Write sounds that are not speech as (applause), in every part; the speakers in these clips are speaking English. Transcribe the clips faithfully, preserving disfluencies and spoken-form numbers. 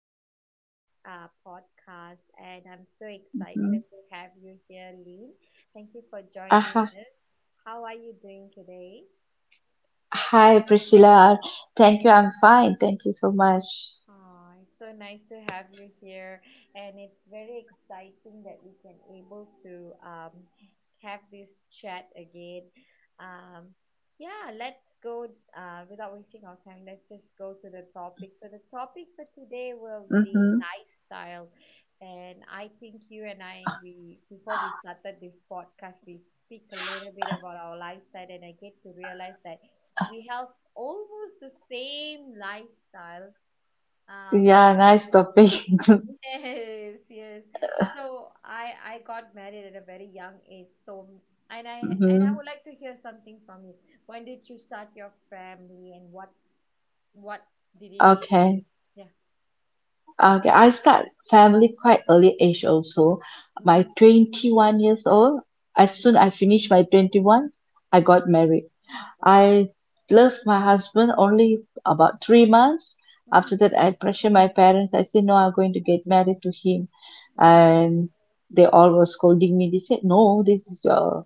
for today's uh, podcast, and I'm so Mm. excited to have you here, Lynn. Thank you for joining Aha. us. How are you doing today? Hi, hi, Priscilla. Thank you. I'm fine. Thank you so much. Aw, it's so nice to have you here, and it's very exciting that we can able to um, have this chat again. Um, yeah, let's go uh, without wasting our time. Let's just go to the topic. So the topic for today will be Mm-hmm. lifestyle, and I think you and I, we, before we started this podcast, we speak a little bit about our lifestyle, and I get to realize that we have almost the same lifestyle um, Yeah, nice topic. (laughs) (laughs) yes, yes. So I I got married at a very young age. So and I and I Mm-hmm. would like to hear something from you. When did you start your family and what what did it lead to? Okay. Yeah. Okay. I start family quite early age also. Mm-hmm. My twenty-one years old, as Mm-hmm. soon I finish my twenty-one, I Mm-hmm. got married. Oh. I love my husband only about three months. After Mm, that, I pressure my parents. I said, no, I'm going to get married to him. mm, And they all were scolding me. They said, no, this is your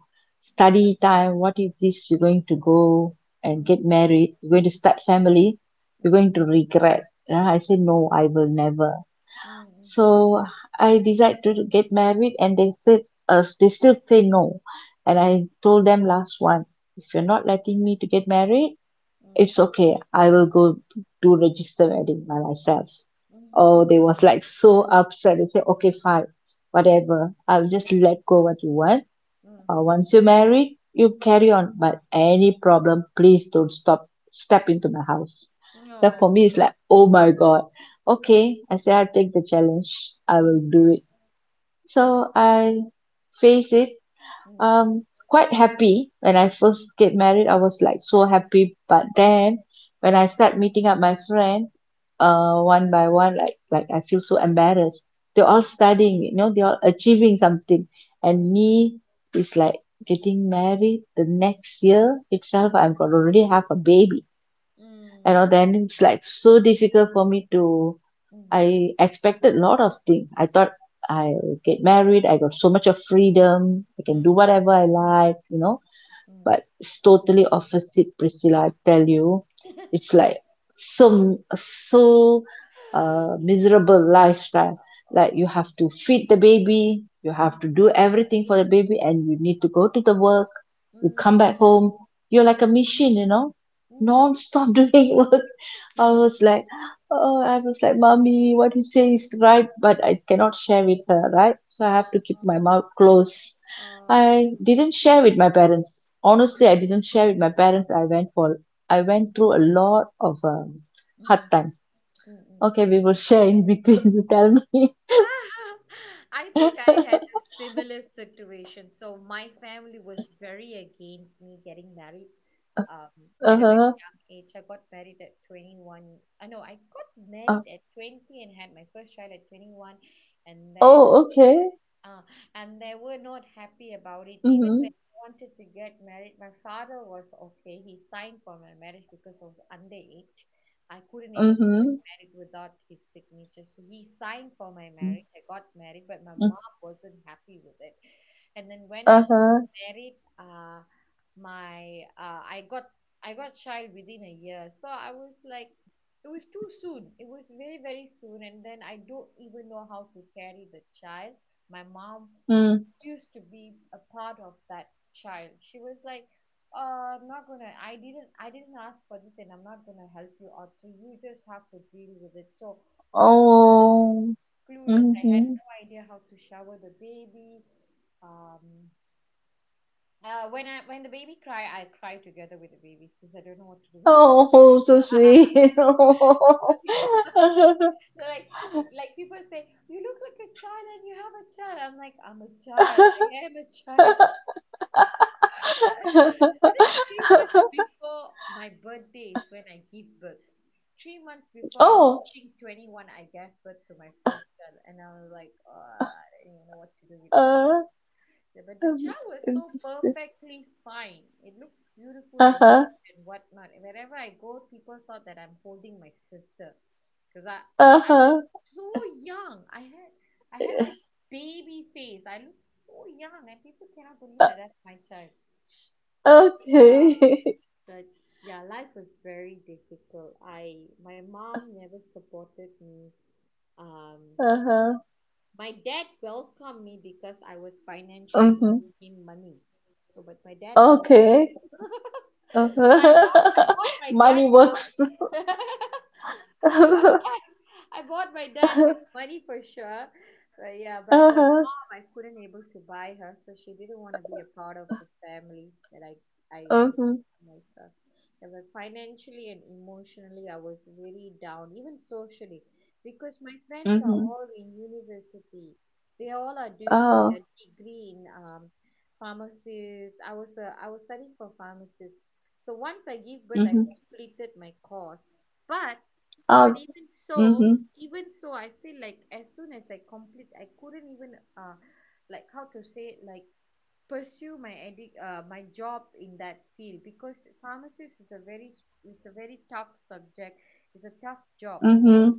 mm, study time. What is this? You're going to go and mm, get married. You're going to start family. You're mm, going to regret. And I said, no, I will never. mm, mm, So I decide to get married, and they said, uh, they still say no. And mm, I told them last one, if you're not letting me to get married, it's okay. I will go do register wedding by myself. Oh, they was like so upset. They say, okay, fine, mm, (laughs) mm, whatever. I'll just let go what you want. mm. Uh, once you marry, you carry on. But any problem, please don't stop. Step into my house. That for No. me is like, oh my God. Oh. Oh. Okay, I say I'll take the challenge. I Mm, will do it. mm, So I face it, mm, um quite happy. When I first get married, I was like so happy. But then when I start meeting up my friends, mm, uh one by one, like like I feel so embarrassed. They're all studying, you know they're all achieving something. And mm, me is like getting married. The next year itself, I'm gonna already have a baby. you know mm, Then it's like so difficult for me to. mm, I expected a lot of things. I thought I will get married, I got so much of freedom, I can mm. do whatever I like you know Mm. But it's totally opposite, Priscilla, I tell you. (laughs) It's like so so uh (gasps) miserable lifestyle. Like Aw, you have to feed the baby, you have mm, to do everything for the baby, and you need to go to the work. You mm, come back home, you're like mm, a machine, you know mm, non-stop (laughs) doing work. I yeah. was like, oh, I was like, mommy, what you say is right, but I cannot share with her, right? So I have Aw, to keep my mouth closed. aw, I didn't share with my parents. Honestly, I didn't share with my parents. I went for I mm, went through a lot of um, hard mhm, time. mm, mm, Okay, mm. we will (laughs) share in between. You tell me. Ah, (laughs) I think (laughs) I had Uh-huh. a similar situation. So my family was very against me getting married um, at a very young age. I got married at twenty-one. I know I got Uh, married at twenty and had my first child at twenty-one, and then oh, okay. ah and they were not happy about it. Even Mm-hmm. when I wanted to get married, my father was okay. He signed for my marriage because I was underage. I couldn't able to get Mm. married without his signature, so he signed for my marriage. I got married, but my mom wasn't happy with it. And then when I Uh-huh. married, uh my uh I got I got child within a year, so I was like, it was too soon. It was very very soon. And then I don't even know how to carry the child. My mom Mm. used to be a part of that child. She was like, uh I'm not gonna I didn't I didn't ask for this, and I'm not gonna help you out, so you just have to deal with it. So I Oh. was clueless. I had Hmm. no idea how to shower the baby. um uh, when I when the baby cry, I cry together with the babies because I don't know what to do with it. Oh, so sweet. (laughs) (laughs) (laughs) Yeah. So like like people say, you look like a child and you have a child. I'm like, I'm a child. I am a child. (laughs) And then three months before my birthday is when I give birth. Three months before I'm Oh. reaching twenty-one, I gave birth to my first child, and I was like, oh, I don't even know what to do with. Uh, Yeah. But the um, chow is so perfectly fine. It looks beautiful and Uh-huh. and whatnot. Wherever I go, people thought that I'm holding my sister because I Uh-huh. so young. I had I had this baby face. I look so young, and people cannot believe Uh, that that's my child. Uh, okay. (laughs) but yeah, life was very difficult. I My mom never supported me. Um, Uh-huh. my dad welcomed me because I was financially Mm-hmm. giving him money. So, but my dad welcomed. Okay. (laughs) So I bought I Uh-huh. bought my (laughs) dad Money with works. (laughs) money. (laughs) But not bad. I bought my dad with money for sure. But yeah, but my Uh-huh. mom I couldn't able to buy her, so she didn't want to be a part of the family that I I I Mm-hmm. myself. Yeah, but financially and emotionally I was very down, even socially, because my friends are Mm-hmm. all in university. They all are doing Oh. their degree in um, pharmacist. I was a, I was studying for pharmacist. So once I give birth, I Mm-hmm. completed my course. But but Oh. even so, Mm-hmm. even so, I feel like as soon as I complete, I couldn't even uh, like how to say it, like pursue my addic- uh, my job in that field because pharmacist is a very s- it's a very tough subject. It's a tough job Mm-hmm. because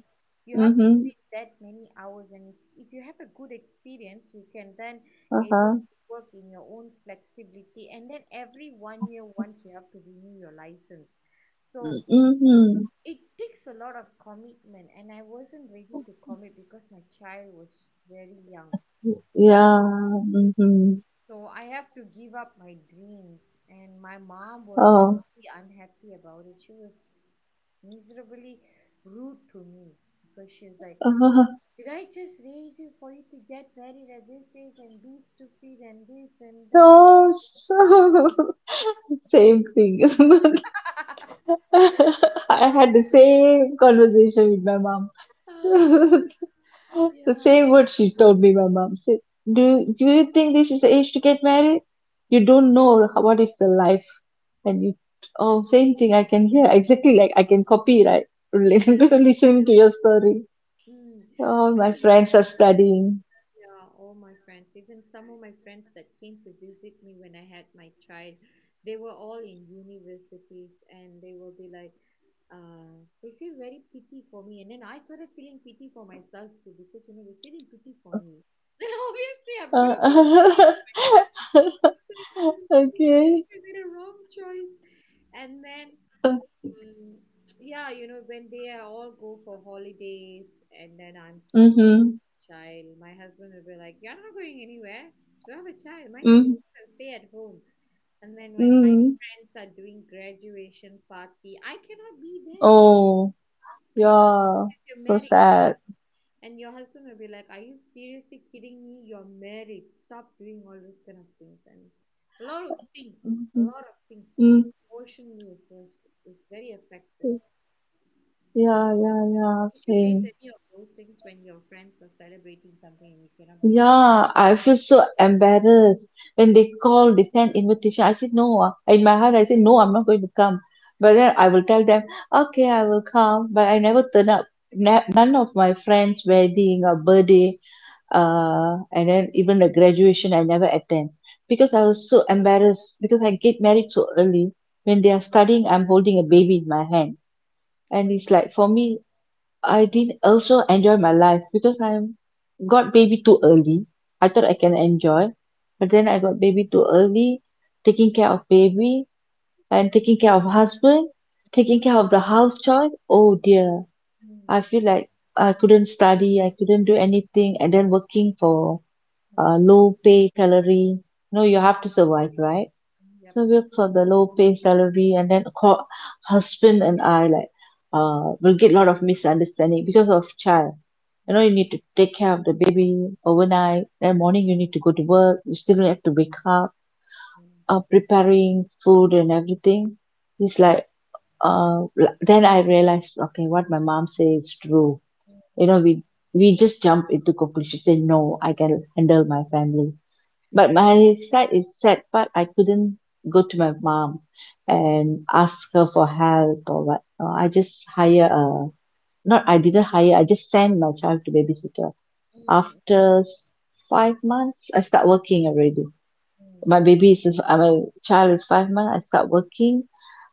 you have to Mm-hmm. put in that many hours, and if you have a good experience you can then able Uh-huh. to work in your own flexibility. And then every one year once you have to renew your license, so Mm-hmm. it takes a lot of commitment, and I wasn't ready to commit because my child was very young. Yeah. Mm-hmm. So I have to give up my dreams. And my mom was Oh. really unhappy about it. She was miserably rude to me because she was like, Uh-huh. did I just raise you for you to get married at this age and be stupid and this and that? No. So- (laughs) Same thing. (laughs) (laughs) I had the same conversation with my mom. (laughs) Ah, (laughs) The yeah. same word she told me, my mom said, Do, do you think this is the age to get married? You Mm. don't know how- what is the life. And you, oh, same thing I can hear. Exactly like I can copy, right? (laughs) Yeah. Listening to your story. Mm. All I my think we friends are studying. Yeah, all my friends, even some of my friends that came to visit me when I had my child, they were all in universities, and they will be like, uh, they feel very pity for me. And then I started feeling pity for myself too because, you know, they're feeling pity for me. (laughs) Then obviously I'm going to feel pity Uh, (laughs) for because okay. I made a wrong choice. And then, um, yeah, you know, when they are all go for holidays and then I'm stuck Mm-hmm. child. My husband would be like, you're not going anywhere. You have a child. Mind your Mm, business and stay at home. And then when my mm. friends are doing graduation party, I cannot be there. Oh, I yeah. because you're So married. sad. And your husband will be like, are you seriously kidding me? You're married. Stop doing all those kind of things. And a lot of things, a Mm-hmm. lot of things Mm. emotionally is, ve- is very affected. Yeah, yeah, yeah. Did you face Same. any of those things when your friends are celebrating something and you cannot be a part? Yeah, I feel so embarrassed when they call, they send invitation. I said no. uh, In my heart, I said no, I'm not going to come. But then I will tell them, okay, I will come. But I never turn up. Na- None of my friends' wedding or birthday, uh, and then even the graduation, I never attend because Mm. I was so embarrassed because I get married so early. When they are studying, I'm holding a baby in my hand, Oh, and dear. it's like for me, I didn't also enjoy my life because I got baby too early. I thought I can enjoy, but then I got baby too early, taking care of baby, and taking care of husband, taking care of the house chores. Oh dear, I feel Mm. like I couldn't study, I couldn't do anything, and then working for Mm. uh, low pay salary. No, you Mm. have to survive, right? Yep. So we that- work for the low pay salary, and then called husband and I like uh will get a lot of misunderstanding because of child. You know, you Mm, need to take care of the baby overnight. Then morning you need to go to work. You still have to wake up, mm, uh, preparing food and everything. It's mm, like uh l- then I realized, okay, what my mom says is true. You know, mm, we we just jump into conclusions. Say no, I can handle my family, but my side is sad. But I couldn't go to my mom mm, and ask her for help or what. Uh, I just hire a, not I didn't hire, I just sent my child to babysitter. mm, After s- five months, I start working already. My mm, baby is, uh, my child is five months, I start working.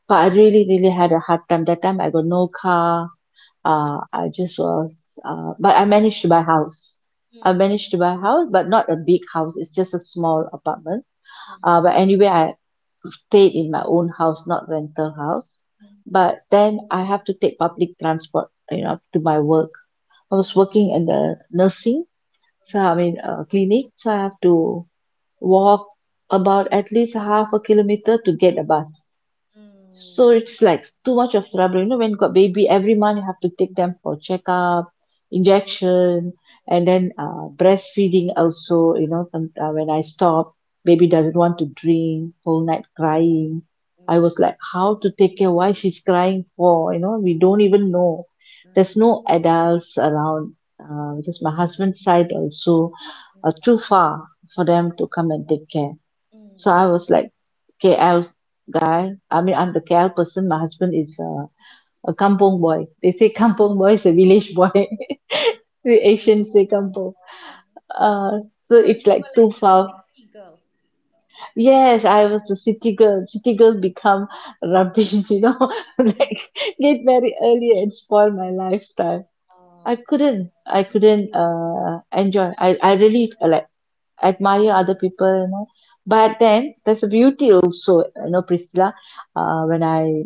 But I mm, really, really had a hard time. That time I got no car. Uh, I just was, uh, but I managed to buy house. I mm, managed to buy a house, but not a big house. It's just a small apartment, uh but anyway I stayed in my own house, not rental house. mm, mm, But then I have to take public transport, you know to my work. I was mm, working in the nursing, so I mean, uh, clinic. So I have to walk about at least half a kilometer to get a bus, so mm, it's like too much of trouble. You know, when got baby, every month you have to take them for checkup, injection, and then uh, breastfeeding also. You know, some- uh, when I stop, baby doesn't want to drink, whole night crying. mm, I mm, was like, how to take care? Why she's crying for? You know, we don't even know. There's mm, no adults around, uh, mm, because my husband's side also mm, mm, are mm. too far for them to come and take care. So I Mm. was like K L guy. I mean, I'm the K L person. My husband is, uh, a kampong boy. They say (laughs) kampong boy is a village boy. Village (laughs) boy. The Asians say kampong. Oh. Uh, so So you it's like were too like far. a city girl. Yes, I was a city girl. City girl become rubbish, (laughs) you know, (laughs) like get married early and spoil my lifestyle. I Oh. couldn't. I Mm, couldn't uh, enjoy. I, I really uh, like mm, admire other people. You know but mm, then there's a beauty also, you know Priscilla. mm, uh, When I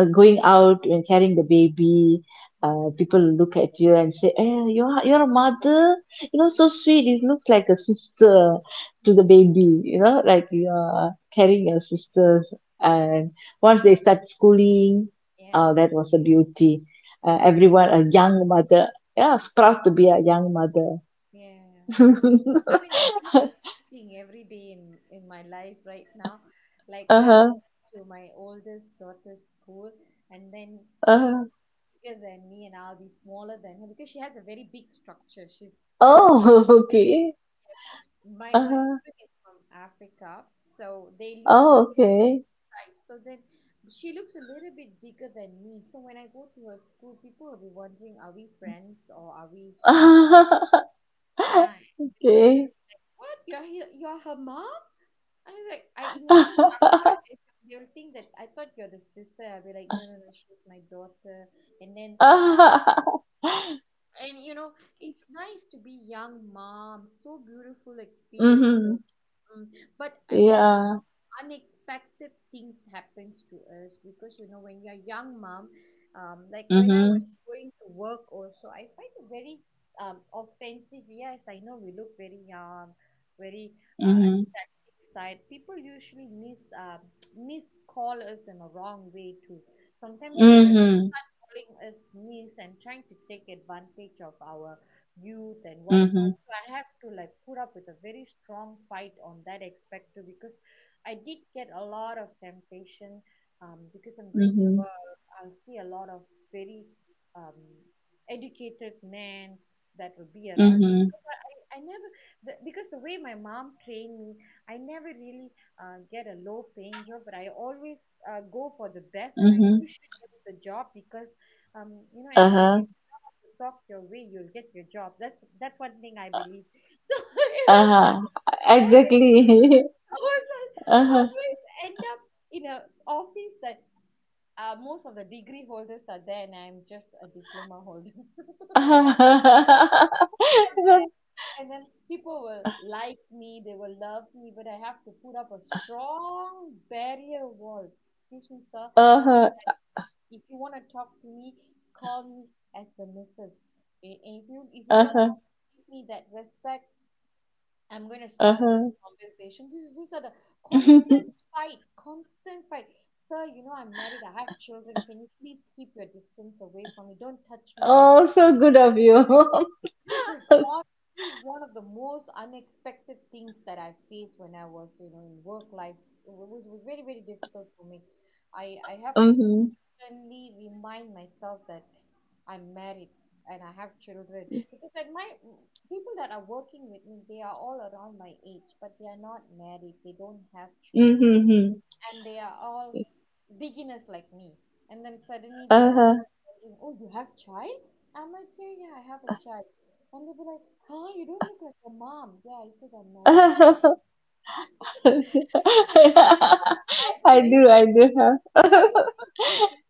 uh, going out and carrying the baby, mm, uh, people look at you and say, eh, you're, you're a mother. You know so sweet, you look like a sister mm, to the mm, baby, you know like you're yeah. carrying your sisters. Yeah. And once they start schooling, uh, Yeah. that was a beauty. Uh, mm, Everyone a young mother, yeah, proud to be a young mother. yeah. (laughs) I mean, I think the same thing every day in in my life right now. Like I Uh-huh. to my oldest daughter's school, and then she Uh, bigger than me, and I'll be smaller than her because she has a very big structure. She's kind of like oh, (laughs) okay. because my my Uh, husband is from Africa, so they look oh, okay. nice. So then she looks a little bit bigger than me. So when I go to her school, people will be wondering, are we friends or are we siblings? (laughs) And the teacher will Okay. be like, "What? You're here, you're her mom." I was like I ingatkan kakak, and they'll think that I thought you're the sister. I'll be like no no no, she's my daughter. And then (laughs) and you know it's nice to be young mom, so beautiful experience Mm-hmm. though. Mm. But uh, on Yeah. unexpected things happens to us because you know when you're young mom, um like when I was Mm-hmm. going to work also I find it very um offensive. Yes, I know we look very young, very uh, Mm-hmm. side people usually mis uh, (tsk) miscall us in a wrong way too. Sometimes they will Mm-hmm. calling us miss and trying to take advantage of our youth and Mm-hmm. whatnot, so I have to like put up with a very strong fight on that aspect too because I did get a lot of temptation. um, because I'm going to Mm-hmm. work, I'll see a lot of very um, educated men that will be around me. Mm-hmm. I never the because the way my mom trained me, I never really uh, get a low paying job, but I always uh, go for the best, and I Mm-hmm. usually get the job because, um, you know, as long as you Uh-huh. know how to talk your way, you'll get your job. That's that's one thing I believe. So (laughs) it was Uh-huh. like I always Exactly. (laughs) I was I Uh-huh. always end up in a office that uh, most of the degree holders are there, and I'm just a diploma holder. (laughs) So Uh-huh. (laughs) and then people will like me, they will love me, but I have to put up a strong barrier wall. Excuse me, sir. Uh, Uh-huh. if you want to talk to me, call me as a missus. I- If you if you don't know how Uh-huh. to give me that respect, I'm going to stop this Uh-huh. conversation. This is These are the constant (laughs) fight, constant fight. Sir, you know I'm married. I have children. Can you please keep your distance away from me? Don't touch me this. Oh, so good of you. This is (laughs) honestly one of the most unexpected things that I faced when I was, you know, in work life. It was, was very, very difficult for me. I, I have to Mm-hmm. constantly remind myself that I'm married and I have children (laughs) because at my people that are working with me, they are all around my age, but they are not married. They don't have children, Mm-hmm. and they are all beginners like me. And then suddenly they are Uh-huh. wondering, oh, you have child? I'm like, yeah, yeah, I have a child. And they'll be like, huh, you don't look like a mom. Yeah, I said, I'm married, ah. (laughs) So it is I sideways. do, I do Have have. you faced those things?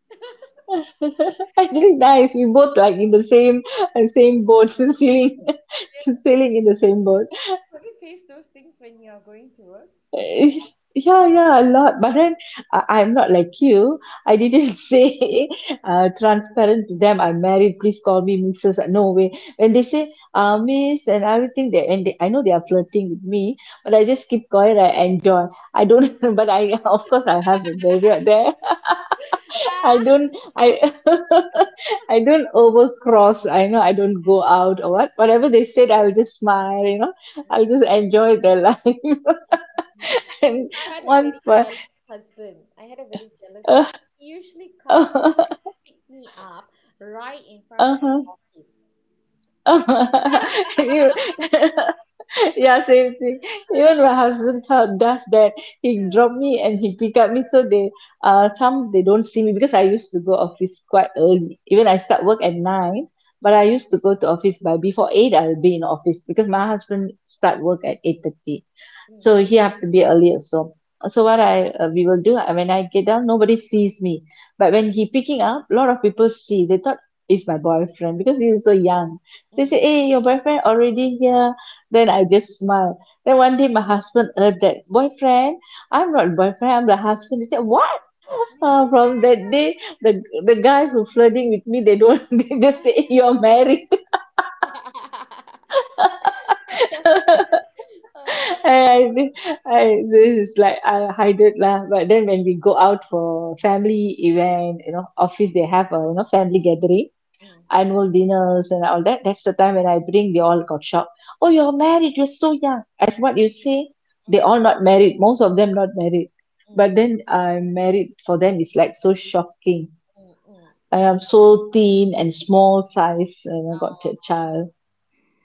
(laughs) (laughs) Actually, nice. We both like in the same uh, same boat, (laughs) sailing, (laughs) Yeah. sailing in the same boat. Have you faced those things when you're going to work? Eh, yeah, yeah, a lot. But then I, I'm not like you. I didn't (laughs) say uh, transparent to them. I'm married. Please call me missus No way. When they say uh, Miss and everything, they and they, I know they are flirting with me, but I just keep quiet. I enjoy. I don't. (laughs) But I, of course, I have a barrier there. (laughs) I Ah, don't. I (laughs) I don't overcross. I know I don't go out or what. Whatever they said, I will just smile. You know, I'll just enjoy their life. (laughs) (laughs) because and (laughs) I had a one very per jealous husband. I had a very jealous (laughs) husband. He usually comes uh, pick me up right in front of uh, the (laughs) You- (laughs) yeah, same thing. office. Even my husband th- does that. He drop (laughs) me and he pick up me. So they, uh, some they don't see me because I used to go office quite early. Even I start work at nine, but Mm, I used to go to office by before eight. I'll be in office because my husband start work at eight thirty, mm, so he have to be early also. So what I, uh, we will do, uh, when I get down, nobody sees me. But mm, when he picking up, lot of people see. They thought it's my boyfriend because he is so young. They say, mm, hey, your boyfriend already here. Then mm. I just smile. Then one day my husband heard that boyfriend. I'm not boyfriend. I'm the husband. He said, what? Uh, from that day, the the guys who flirting with me, they don't. (laughs) They just say, "Hey, you're married. (laughs) (laughs) Oh. and I, think- I this is like I hide it lah. But then when we go out for family event, you know, office they have a you know family gathering Mm, annual dinners and all that. That's the time when I bring, they all got shocked. Oh, you're married, you're so young. As what you say, mm, they mm, all not married, most of them not married. But mm, then I'm married for them, it's like so shocking. mm. I am Is so thin and small size, and I got a uh, child.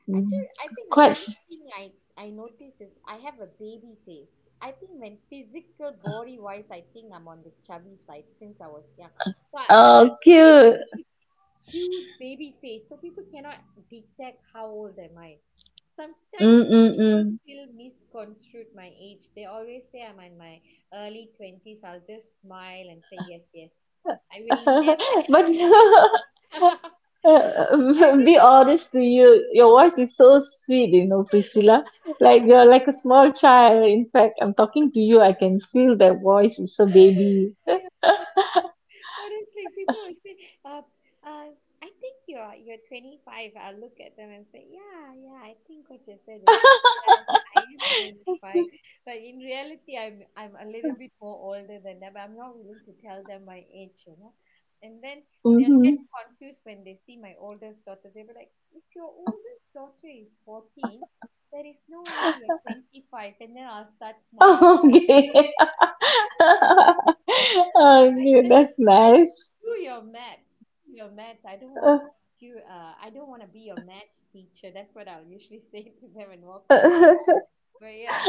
Mm. actually, I think the Quite, only f- thing I I notice is I have a baby face. I think when physical body wise, I think I'm on the chubby side since I was young. But but I'm oh, very cute. cute baby face, so people cannot detect how old am I. Sometimes people Mm-mm-mm. still misconstrued my age. They always say I'm in my early twenties. I'll just smile and say, yes, yes. I will never (laughs) but admit my (laughs) age. (laughs) Uh, (laughs) be Everything. honest to you, your voice is so sweet, you know, Priscilla. Like you're like a small child. In fact, I'm talking to you. I can feel that voice is a (laughs) baby. Yeah. Honestly, people will say, uh, uh, I think you're you're twenty-five. I'll look at them and say, yeah, yeah, I think what you said is yes, I am twenty-five. But in reality, I'm I'm a little bit more older than that. But I'm not willing to tell them my age, you know. And then they'll Mm-hmm. get confused when they see my oldest daughter. They'll be like, if your oldest daughter is fourteen, there is no way you're twenty-five. And then I'll start (laughs) smiling, Okay. (laughs) Okay, said, that's I said, nice. do your maths, do your maths. I don't want you. Uh, I don't want to be your maths teacher. That's what I'll usually (laughs) say to them and walk away. (laughs) But yeah,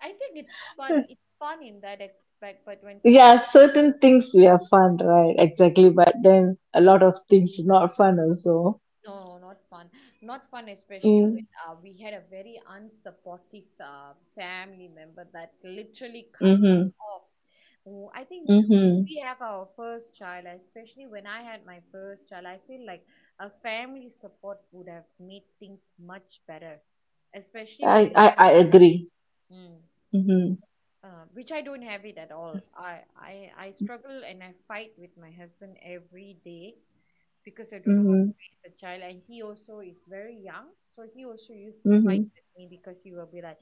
I think it's fun. It's fun in that aspect. But when Yeah, certain things we are fun, right? Exactly, but then a lot of things is not fun also. no, not fun. Not fun, especially Mm. when uh, we had a very unsupportive uh, family member that literally cut us Mm-hmm. off. Oh, I think Mm-hmm. when we have our first child, especially when I had my first child, I feel like a family support would have made things much better, especially I, when you I I first. agree. Mm, Mm-hmm. uh, which I don't have it at all. I, I I struggle and I fight with my husband every day because I don't know how Mm-hmm. to raise a child, and he also is very young, so he also used to fight Mhm. with me because he will be like,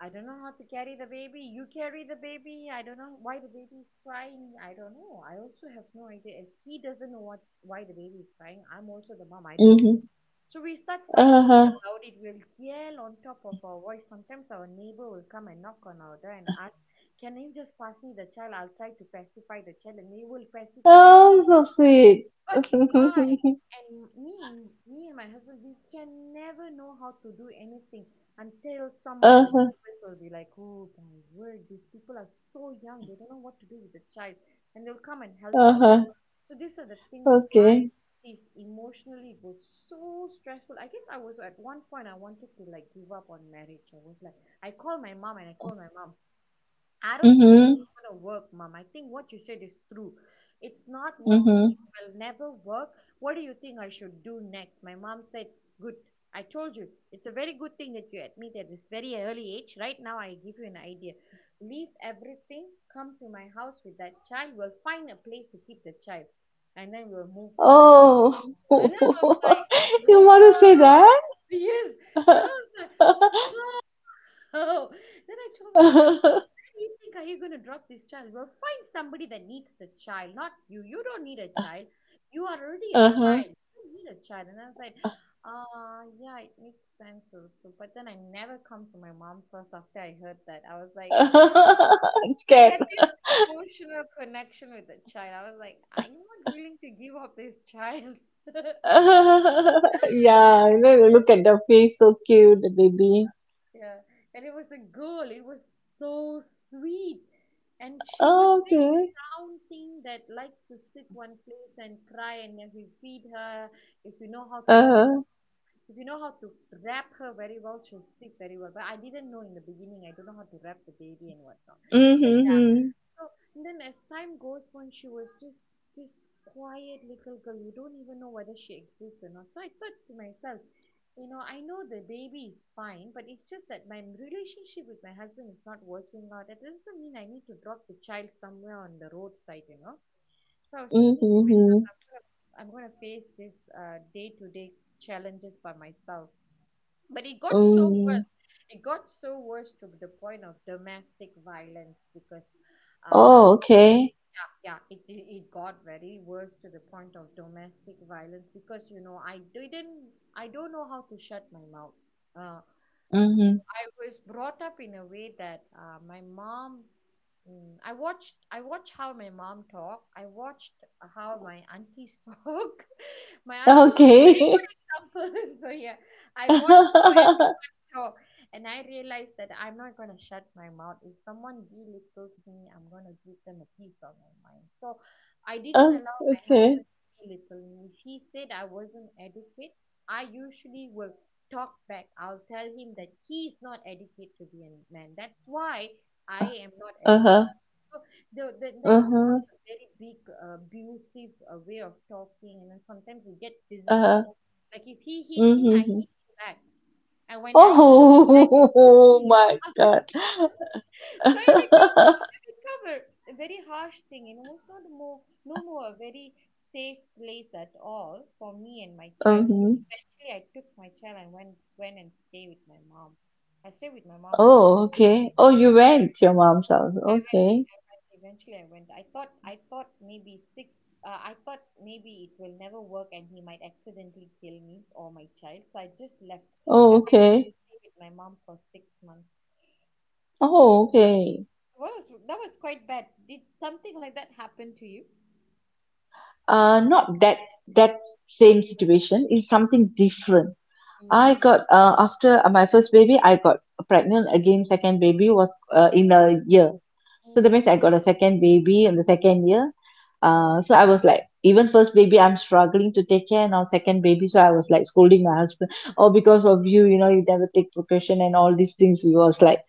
I don't know how to carry the baby. You carry the baby. I don't know why the baby is crying. I don't know. I also have no idea. As he doesn't know what why the baby is crying, I'm also the mom. I don't. Mhm. So we start fighting Uh-huh. about it. We'll yell on top of our voice. Sometimes our neighbor will come and knock on our door and ask, can you just pass me the child? I'll try to pacify the child. And they will pacify the Oh, so sweet. but I (laughs) and me and me and my husband, we can never know how to do anything until some of the Uh-huh. neighbors will be like, oh my word, these people are so young, they don't know what to do with the child, and they'll come and help out. Uh-huh. So these are the things I Okay. faced. Emotionally, it was so stressful. I guess I was at one point I wanted to like give up on marriage. I was like, I called my mom and I told my mom, I don't Mhm. gonna work, mom. I think what you said is true. It's not working. Mhm. It will never work. What do you think I should do next? My mom said, good. I told you, it's a very good thing that you admit at this very early age. Right now, I give you an idea. Leave everything, come to my house with that child. We'll find a place to keep the child, and then we'll move forward. Oh. And I was (laughs) like, You want to say whoa, that? (laughs) yes. And I was like, (laughs) oh. Then I told myself, you think are you going to drop this child? Well, find somebody that needs the child, not you. You don't need a child. You are already a Uh-huh. child. You don't need a child. And I was like, uh, yeah, it makes sense also. But then I never come to my mom's house after I heard that. I was (laughs) like, I'm I scared. had this emotional connection with the child. I was like, I'm not willing to give up this child. (laughs) (laughs) Yeah, you know, you look at the face, so cute, the baby. Yeah, and it was a girl. It was so sweet. And she was this Okay. round thing that likes to sit one place and cry, and if you feed her, if you know how to Uh-huh. if you know how to wrap her very well, she'll sleep very well. But I didn't know in the beginning. I don't know how to wrap the baby and whatnot. But Mm-hmm. so then as time goes on, she was just this quiet little girl. You don't even know whether she exists or not. So I thought to myself, you know, I know the baby is fine, but it's just that my relationship with my husband is not working out. That doesn't mean I need to drop the child somewhere on the roadside, you know. So I was thinking to myself, Mm-hmm. I'm gonna, I'm gonna face this uh, day-to-day challenges by myself. But it got so Mm. worse. It got so worse to the point of domestic violence because um, Oh, okay. yeah, it, it it got very worse to the point of domestic violence because you know i didn't I don't know how to shut my mouth. uh, Mm-hmm. I was brought up in a way that uh, my mom mm, i watched i watched how my mom talk. I watched how my aunties talk (laughs) my aunties and Okay. (laughs) uncles. So yeah, I watched how (laughs) so, and I realized that I'm not going to shut my mouth. If someone belittles me, I'm going to give them a piece of my mind. So I didn't Oh, allow my okay. husband to belittle me. If he said I wasn't adequate, I usually will talk back. I'll tell him that he is not adequate to be a man. That's why I am not Uh-huh. adequate. So the, the, then it Uh-huh. becomes a very big, uh, abusive uh, way of talking, and then sometimes you get physical. Uh-huh. Like if he hits me, I Mm-hmm. hit him back, and when I hit him back, Oh (laughs) he more my harder. God. (laughs) So it (laughs) become a very harsh thing, and it was not more no more a very safe place at all for me and my child. So Mm-hmm. eventually, I took my child and went went and stay with my mom. I stayed with my mom for. Oh, okay. Oh, you went to your mom's house. Okay. Eventually, I went. I thought I thought maybe six. Uh, I thought maybe it will never work, and he might accidentally kill me or my child. So I just left. Oh, I okay. Oh, okay. Uh, not that that same situation. It's something different. I got uh after my first baby, I got pregnant again. Second baby was uh, in a year, so that means I got a second baby in the second year. Uh so I was like, even first baby I'm struggling to take care, now second baby. So I was like scolding my husband, oh, because of you, you know, you never take precaution and all these things. He was like,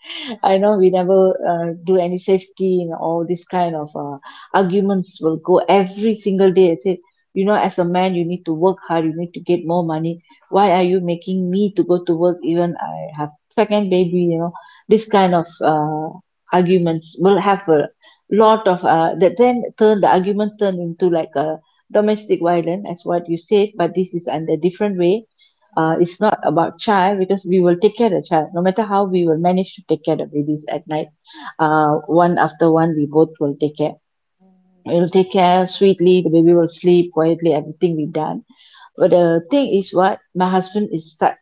I know we never uh, do any safety and all this kind of uh, arguments will go every single day. I say, you know, as a man, you need to work hard. You need to get more money. Why are you making me to go to work? Even I have second baby. You know, this kind of uh, arguments will have a lot of uh, that. Then turn the argument turn into like a domestic violence, as what you said. But this is under different way. Uh, it's not about child, because we will take care of the child no matter how. We will manage to take care of the babies at night. Uh, one after one, we both will take care. We'll take care sweetly, the baby will sleep quietly, everything we done. But the thing is what my husband is start,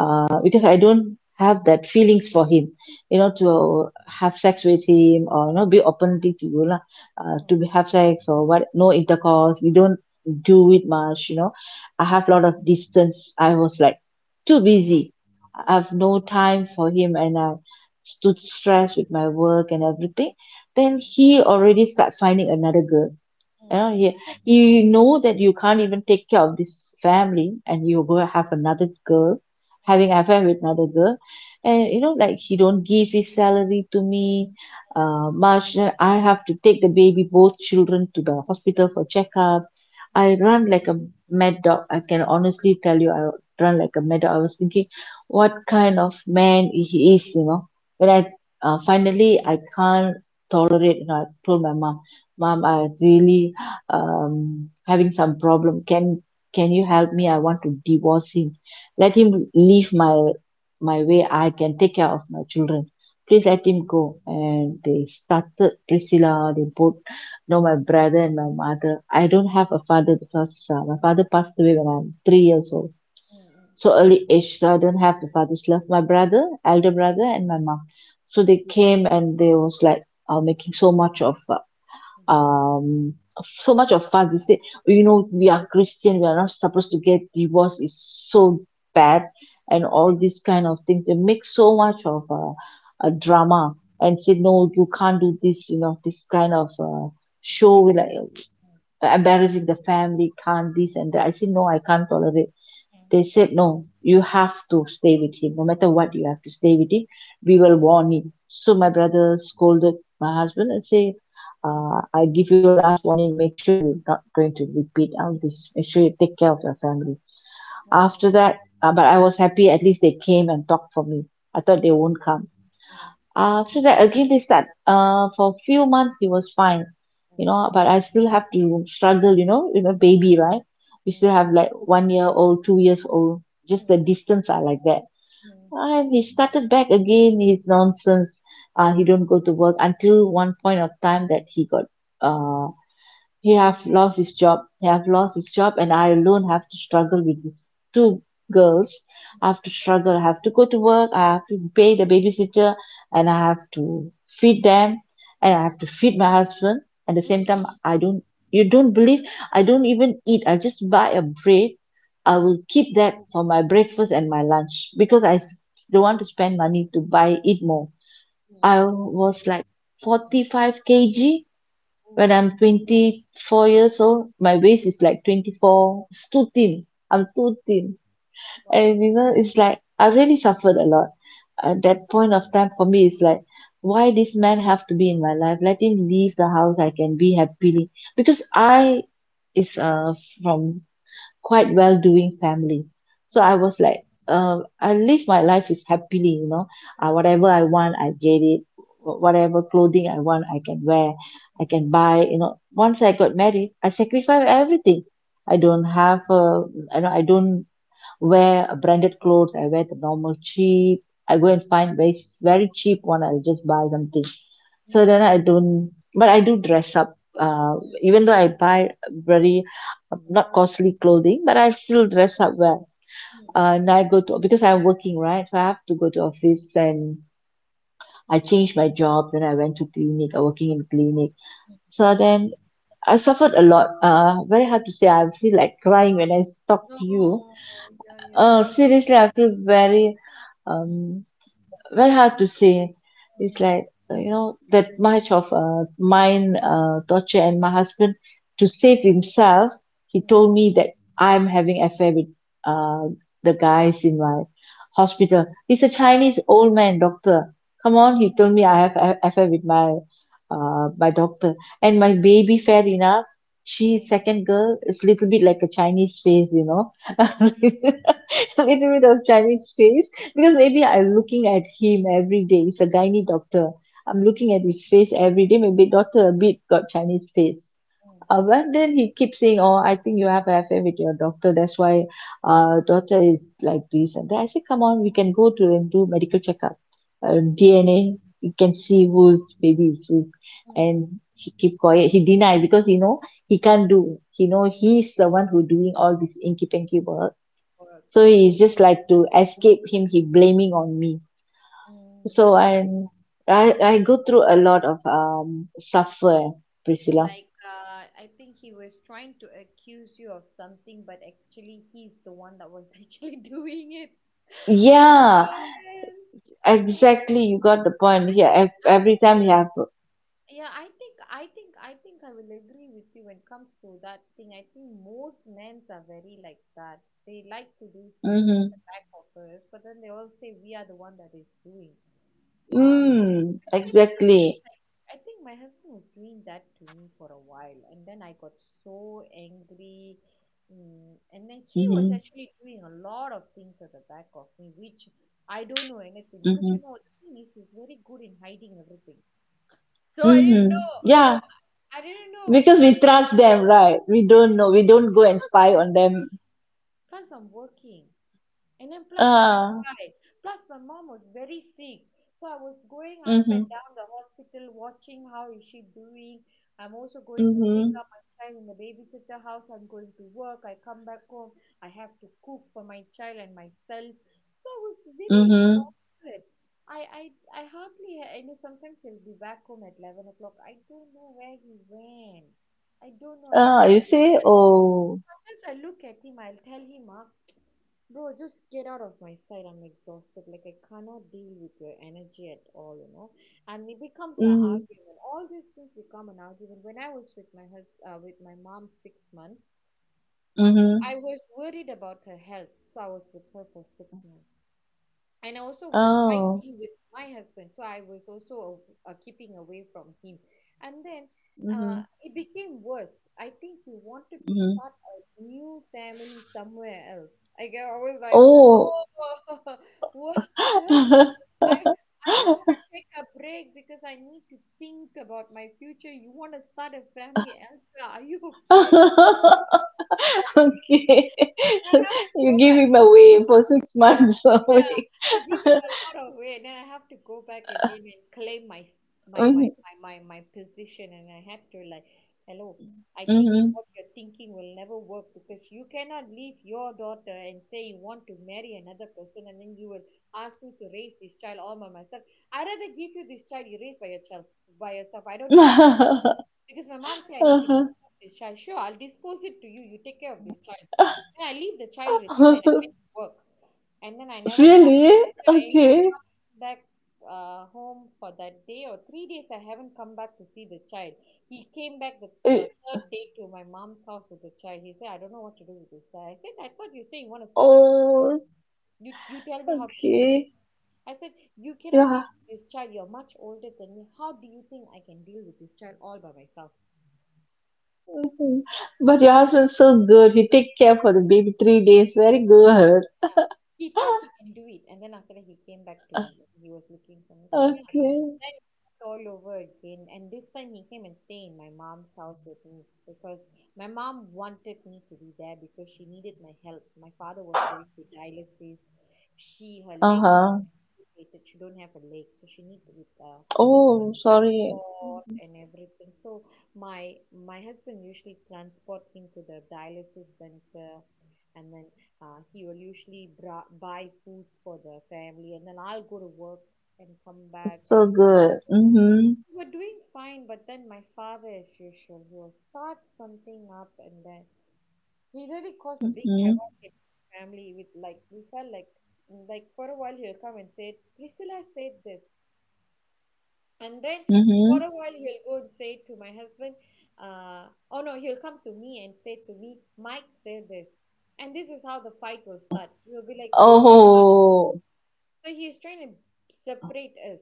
uh, because I don't have that feelings for him, you know, to have sex with him, or you know, be openly to you lah, uh, to have sex or what? No intercourse. We don't do it much, you know. I have a lot of distance. I was like too busy. I have no time for him, and I stood stressed with my work and everything. Then he already start finding another girl. You know, you, you know that you can't even take care of this family, and you go have another girl, having affair with another girl. And you know, like, he don't give his salary to me, uh, much. Then I have to take the baby, both children, to the hospital for checkup. I run like a mad dog. I can honestly tell you, I run like a mad dog. I was thinking, what kind of man he is, you know? When I uh, finally I can't tolerate, and I told my mom, mom, I really um, having some problem. Can can you help me? I want to divorce him. Let him leave my my way. I can take care of my children. Please let him go. And they started, Priscilla. They both know, my brother and my mother. I don't have a father because uh, my father passed away when I'm three years old. So early age, so I don't have the father's love. My brother, elder brother, and my mom. So they came and they was like uh, making so much of uh, um so much of fuss. They say, you know, we are Christian, we are not supposed to get divorced, it's so bad, and all this kind of thing. They make so much of uh, a drama and say, no, you can't do this, you know, this kind of uh, show, like embarrassing the family, can't, this and that. I say, no, I can't tolerate. They said, no, you have to stay with him, no matter what, you have to stay with him, we will warn him. So my brother scolded my husband and say, uh, I give you a last warning, make sure you're not going to repeat all this, make sure you take care of your family. After that, uh, but I was happy, at least they came and talked for me. I thought they won't come. Ừm, uh, After that, again they start. Uh, for few months it was fine, you ừm, know, but I still have to struggle, you know, you know, baby, right? We still ừm, have like one year old, two years old. Just the ừm, distance are like that. ừm. And he started back again his nonsense. Uh, he don't go to work until one point of time that he got. Uh, he have lost his job. He have lost his job, and I alone have to struggle with these two girls. I have to struggle. I have to go to work. I have to pay the babysitter, and I have to feed them, and I have to feed my husband. At the Ừm, same time, ừm, I don't. You don't believe? I don't even eat. I just buy a bread. I will ừm, keep that for my breakfast and my lunch because I s- don't want to spend money to buy eat more. I ừm, was like ừm. forty-five kilograms Ôi, when sushi I'm twenty four years old. My waist is like twenty four, it's too thin, I'm too thin. And wow! you know, it's like I really suffered a lot at that point of time. For me it's like, why this man have to be in my life, let him leave the house, I can be happily, because I is uh from quite well doing family. So I Ừm, was like, uh I live my life is happily, you know, uh ừm, whatever I want I get it, wha~ whatever clothing I want I can wear, I ừm, can buy, you know. Once I got married, I sacrifice everything. I ừm, don't have uh I know I don't wear a branded clothes, I wear the normal cheap. I go and find very very cheap one. I'll just buy something. So then ừm, I don't, but I do dress up. Uh, ừm, Even though I buy very um, not costly clothing, but I still dress up well. ừm, ừm, Uh, ừm, and I go to, because I'm working, right, so I have to go to office. And I changed my job. Then I went to clinic. I working in clinic. ừm. So then I suffered a lot. Uh, very hard to say. I feel like crying when I talk Ồ, to you. yeah, yeah, Uh, yeah. seriously, I feel very Ừm, um, very hard to say. It's like, uh, you know, that much of uh, mine uh, torture, and my husband, to save himself, he ừm, told me that I'm having affair with uh, the guys in my hospital. He's a Chinese old man doctor. Come ừm, on, he told me I have a- affair with my uh, my doctor. And my baby, fair enough, ừm, she's ừm, second girl is little bit like a Chinese face, you know, (laughs) ừm, a ừm, little bit of Chinese face, because ừm, maybe I'm looking at him every day. He's a gynae doctor. I'm ừm, looking at his face every day. Maybe doctor a bit got Chinese face. ừm, Uh, but then he keeps saying, "Oh, I think you have an affair with your doctor. That's why uh, daughter is like this. And that." I said, "Come on, we can go to and do medical checkup, ừm, uh, ừm, D N A. We can ừm, see whose baby is it." ừm. And he keep quiet. He denied, because you know he can't do. He know he's the one who doing all this inky pinky work. Wow, c So ồ, he's just like, to escape him, he blaming on me. So ừm. I'm, I I go through a lot of um suffer, Priscilla. Like, uh, I think he was trying to accuse you of something, but actually, he's the one that was (laughs) actually doing it. (gasps) (laughs) Oh Yeah, man. Oh, I exactly, you got the point here. think, Ev- I every time think, you have yeah, I think, I think, I think I will agree with you when it comes to that thing. I think most men are very like that. They like to do something at mm-hmm, the back of us, but then they all say we are the one that is doing. Um. mm, Because I think it exactly, was like, I think my husband was doing that to me for a while, and then I got so angry. Mm, and then he was mm-hmm, actually doing a lot of things at the back of me, which I don't know anything because mm-hmm, you know the thing is he's very good in hiding everything. So I didn't mm-hmm. know. Yeah, I didn't know. because we trust them, right, we don't know, we don't go and Plus spy I'm on them. plus I'm working. And then plus I have Ah, tried. Plus my mom was very sick. So I was going up and mm-hmm, down the hospital watching how is she doing. I'm also going to pick mm-hmm, up my child in the babysitter house. I'm going to work. I come back home. I have to cook for my child and myself. So I was very mm-hmm. exhausted. I I I hardly ha- I know sometimes he'll be back home at eleven o'clock. I don't know where he went. I don't know. I, Ah, it, you see? Oh, sometimes I look at him. I'll tell him, ah, bro, just get out of my sight. I'm exhausted. Like, I cannot deal with your energy at all, you know. And it becomes an mm-hmm, argument. All these things become an argument. When I was with my hus- uh, with my mom six months, I mm-hmm. was worried about her health, so I was with her for six months, and I also was Oh. fighting with my husband, so I was also uh, keeping away from him. And then uh, Mhm. it became worse. I think he wanted to Mhm. start a new family somewhere else. i, I was like, Oh. oh, (laughs) what i I just want to take a break because I need to think about my future. You want to start a family elsewhere? Are you okay? (laughs) Okay. (laughs) I have to go. You give him away for six months Yeah, only. I give it (laughs) a lot of weight, then I have to go back again and claim my my my Mhm. my my, my position, and I had to, like, hello, I think Mhm. what you're thinking will never work because you cannot leave your daughter and say you want to marry another person, and then you will ask me to raise this child all by myself. I'd rather give you this child. You raise by yourself, by yourself. I don't need, (laughs) because my mom said I need to dispose this child. Sure, I'll dispose it to you. You take care of this child. Then I leave the child with him and I went to work, and then I never, yeah, Really? I am Okay. back uh, home for that day or three days. I haven't come back to see the child. He came back the, the Eh, third day to my mom's house with the child. He said, I don't know what to do with this child. I said, I thought you say you want to start a, oh, you, you tell me how to do it. okay. I said, you cannot Yeah. deal with this child. You're much older than me. How do you think I can deal with this child all by myself? But your husband's so good. He take care for the baby three days. Very good. Yeah. He thought he can do it. And then after that, he came back to me. (laughs) He was looking for me. So, yeah. Okay. Then it started all over again, and this time he came and stayed in my mom's house with me because my mom wanted me to be there because she needed my help. My father was going to dialysis. She, her leg was Uh-huh. amputated. She don't have a leg, so she need with uh, Oh, sorry. transport and everything. So my my husband usually transport him to the dialysis center, and then uh, he will usually bra- buy foods for the family, and then I'll go to work and come back. So good. Mm-hmm. we We're doing fine, but then my father, as usual, he will start something up, and then he really caused a big havoc Mhm. in the family. With like, we felt like like for a while he'll come and say, Priscilla said this. And then for Mhm. a while he'll go and say to my husband, uh oh no, he'll come to me and say to me, Mike said this. And this is how the fight will start. We'll be like, who said what? Oh. So he is trying to separate us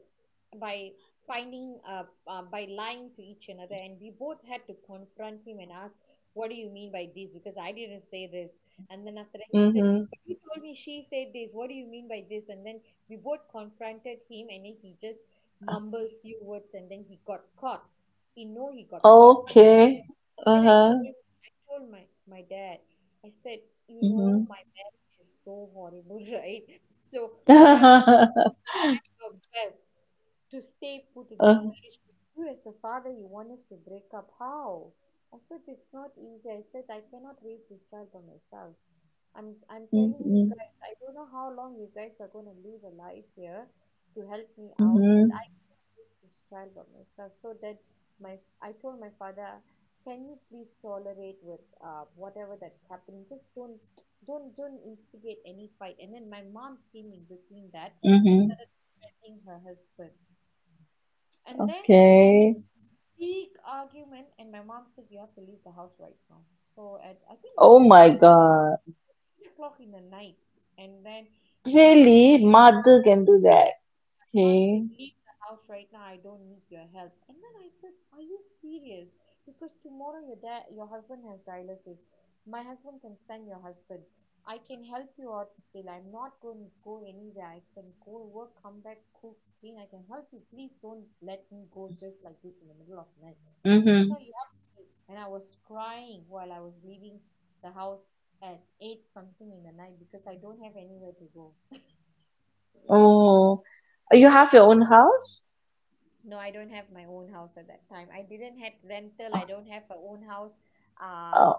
by finding uh, uh, by lying to each another, and we both had to confront him and ask, "What do you mean by this? Because I didn't say this." And then after that he said, Mhm. "But you told me she said this. What do you mean by this?" And then we both confronted him, and then he just mumbled few words, and then he got caught. You know, he got caught. Okay. Then I Uh-huh. told I told my my dad. I said, "You know, Mhm. my marriage is so horrible, (laughs) right? So we are." (laughs) Your best to stay put in this Uh, marriage, but you as a father, you want us to break up. How? I said, it's not easy. I said I cannot raise this child by myself. I'm I'm telling you Mhm. guys, I don't know how long you guys are gonna live a life here to help me out, but Mhm. I raised this child by myself. So that my, I told my father, can you please tolerate with uh whatever that's happening? Just don't don't don't instigate any fight. And then my mom came in between that and Mhm. started (laughs) defending her husband. And then it became a Okay. big argument, and my mom said, you have to leave the house right now. So at, I think it Oh was my God. eight o'clock in the night, and then uh, Really? Mother can do that. my mama said, Okay. leave the house right now. I don't need your help. And then I said, are you serious? Because tomorrow your dad, your husband has dialysis. My husband can send your husband. I can help you out still. I'm not going to go anywhere. I can go work, come back, cook, clean. I can help you. Please don't let me go just like this in the middle of the night. She said, no, Mhm. you have to leave. And I was crying while I was leaving the house at eight something in the night because I don't have anywhere to go. Oh. I You think, have your own house? no, I don't have my own house. At that time I didn't had rental. I don't have a own house. uh, Uh,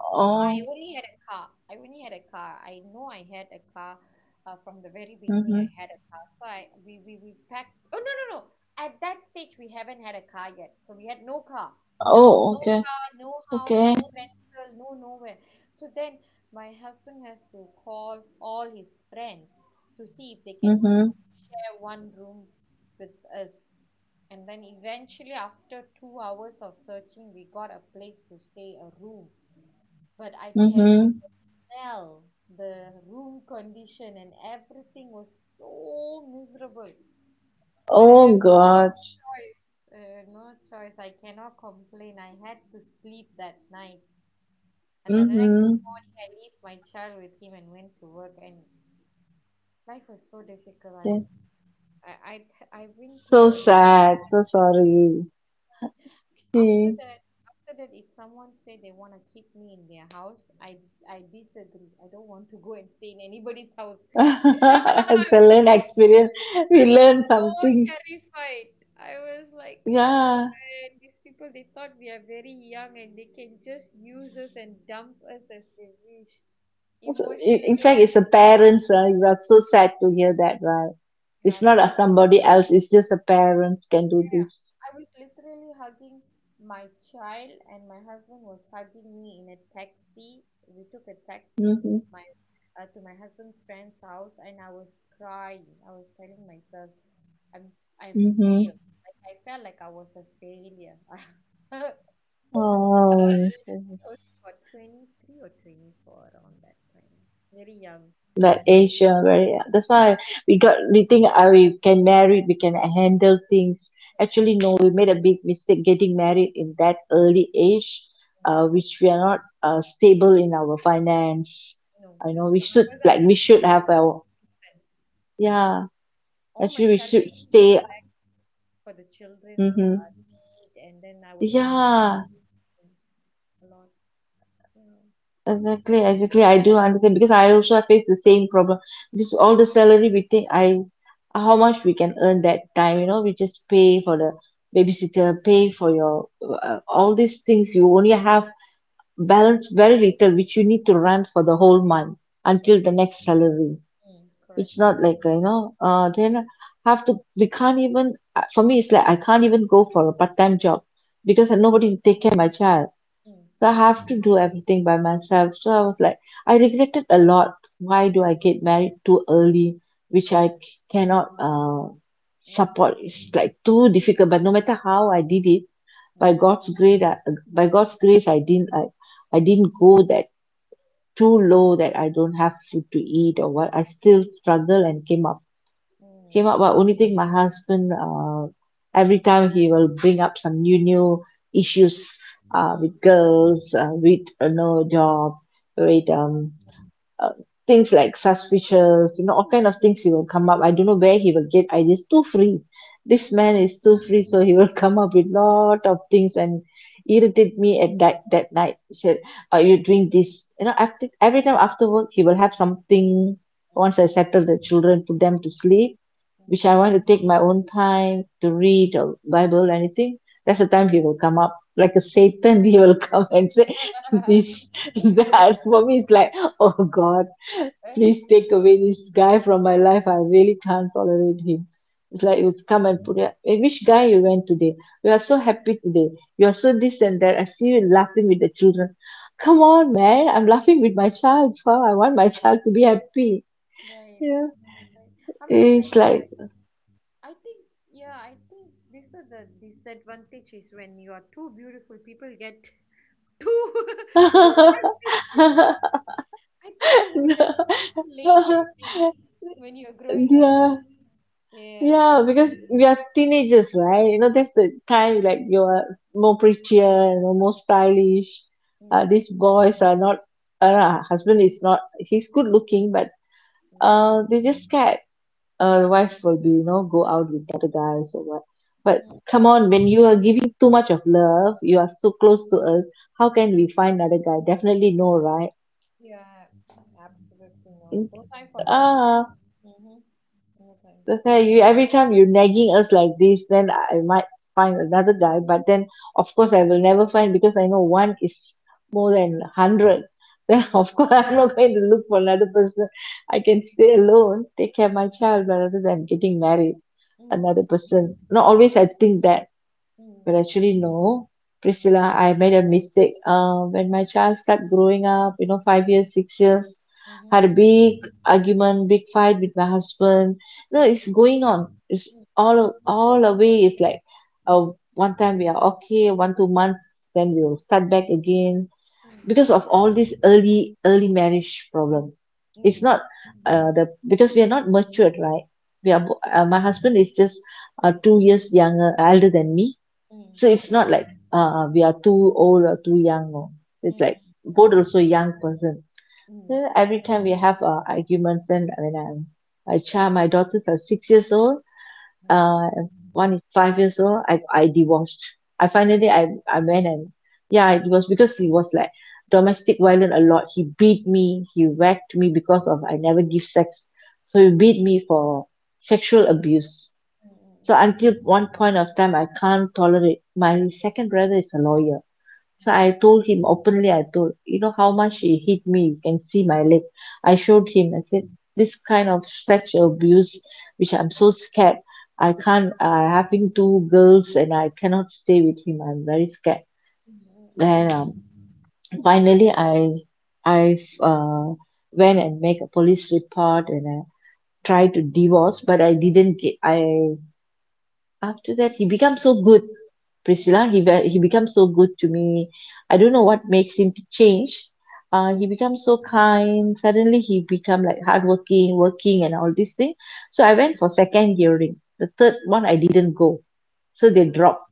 I Oh. only had a car. i only had a car I know I had a car. Uh, from the very beginning Mm-hmm. I had a car, so I we, we we packed. Oh no, no, no, at that stage we haven't had a car yet, so we had no car. Oh, No okay. car, no house, no Okay. rental, no nowhere. So then my husband has to call all his friends to see if they can Mm-hmm. share one room with us. And then eventually, after two hours of searching, we got a place to stay, a room. But I tell you, Mm-hmm. the smell, the room condition, and everything was so miserable. But I have Oh, no God. choice. Uh, no choice. I cannot complain. I had to sleep that night. And then the next Mm-hmm. morning, I left my child with him and went to work. And life was so difficult. I Okay. was, I, I, I've been through So a, sad. So sorry. after See, that, after that, if someone said they want to keep me in their house, I, I disagree. I don't want to go and stay in anybody's house. (laughs) (laughs) it's I a learn experience. We learn some so things. terrified. I was like, oh Yeah. man, these people, they thought we are very young and they can just use us and dump us as they wish. So, i- Emotionally, in I fact, was, it's the parents. Uh, you are so sad to hear that, right? yeah, It's not a emo- somebody else. It's just the parents can do this. I was literally hugging my child, and my husband was hugging me in a taxi. We took a taxi to Mm-hmm. my uh, to my husband's friend's house, and I was crying. I was telling myself, I'm, s- I feel Mm-hmm. like I felt like I was a failure. (laughs) Oh, so- I was about twenty-three or twenty-four around that time. Very young. like Asia, very, that's why we got we think, ah we can marry, we can handle things. Actually no, we made a big mistake getting married in that early age, Mm. uh, which we are not uh, stable in our finance. No, I we know was, we I should, was at like, it. we should have our— yeah, All my actually we should salary goes stay. back for the children's Mm-hmm. uh, need, and then I was taking Yeah. home a lot. Yeah. Exactly, exactly. I do understand because I also face the same problem. This all the salary, we think, I how much we can earn that time, you know, we just pay for the babysitter, pay for your, uh, all these things. You only have balance very little, which you need to run for the whole month Mm, until the next salary. mm, It's correct. not like, uh, you know, uh, then have to we can't even, uh, for me, it's like I can't even go for a part-time job because nobody to take care of my child. Mm, So I yeah. have to do everything by myself. So I was like, I regretted a lot. Why do I get married too early, which Mm, I c- cannot uh, mm, support? It's like too difficult. But no matter how I did it, by mm, God's grace, I, uh, by God's grace, I didn't, I, I didn't go that too low that I don't have food to eat or what. I still struggle and came up came mm, up but only thing, my husband, uh, every time he will bring up some new new issues, uh, mm, with girls, uh, with uh, no job, with mm, um, uh, things like suspicious, you know all kind of things he will come up. I don't know where he will get ideas. Too free, this man mm, is too free, so he will (laughs) come up with lot of things and irritate me. At that that night he said, are you doing this? You know after every time, after work, he will have something. Once I mm, settle the children, put them to sleep, which I want to take my own time to read or Bible or anything, that's the time he will come up. Like a Satan, (laughs) he will come and say, (laughs) mm. (laughs) this, that. For me, it's like, oh God, please take away this guy from my life. I really can't tolerate him. It's like it was come and put it. "Hey, which guy you went today? We are so happy today. You are so this and that. I see you laughing with the children." Come on, man. I'm laughing with my child. Huh? I want my child to be happy. Right, Yeah. right. I mean, like, It's like— I think, yeah, I think this is the disadvantage is when you are too beautiful, people get (laughs) too (laughs) too superstitious. (laughs) I think you were a beautiful lady, I think, when you're growing up. Yeah, Yeah. yeah, because we are teenagers, right? You know, that's the time, like, you're more prettier, you know, more stylish. Uh, Mm, These boys are not, uh, her husband is not, he's good looking, but, mm, uh, they just scared, uh, wife will be, you know, go out with other guys or what. But mm. come on, when you are giving too much of love, you are so close to us, how can we find another guy? Definitely no, right? Yeah, absolutely no. No time for those. Ah. Mm-hmm. No time. That's why, you, every time you are nagging us like this, then I might find another guy. But then, of course, I will never find, because I know one is more than hundred. Then (laughs) Mm, of course I'm not going to look for another person. I can stay alone, take care of my child rather than getting married hmm. another Mm, person. Not always. I think that— hmm. Mm, well, mm, actually, no, yeah, Priscilla, I made a mistake. Uh, when my child started growing up, you know, five years, six years, mhm, had a big argument, big fight with my husband. No, it's mm, going on. It's mm, all all good, away. It's like, uh, mm, one time we are okay, one two months, then we will start back again because mm, of all this early early marriage mm, problem. It's hmm. not, uh, the because we are not matured, right? We are Mm, bo- uh, my husband is just, uh, two years younger, elder than me. So hmm. it's not like, uh we are too old or too young, know. It's like, Mm, both mm. also young person. Ừm, So every time we have, uh, arguments, and when I'm— my child, my daughters are six years old, ừm hưm. uh one is five years old. I I divorced. I Yêu finally, chuộng, I I went and— yeah, it ừm, was because he was like domestic violent a lot. He beat me, he whacked me because of I never give sex. So he beat me for sexual abuse. ừm, So ừm, ừm, until one point of time, I can't tolerate. My second brother is a lawyer. So ừm, I told him openly. I told, you know how much he hit me. You can see my leg. I showed him. I said, this kind of sexual abuse, which I'm so scared. I can't, uh, having two girls, and I cannot stay with him. I'm very scared. ừm, ừm, Then, ừm, um, finally I I've uh, went and make a police report, and I tried to divorce, but I didn't get. I After that, he becomes so good, ừm, Priscilla. ừm, He ve- he becomes so good to me. I don't know what makes him to change. Uh, he ừm, becomes so kind, suddenly he become like hardworking, working and all these things. So I went for second hearing. The third one I didn't go. So ờ, they dropped.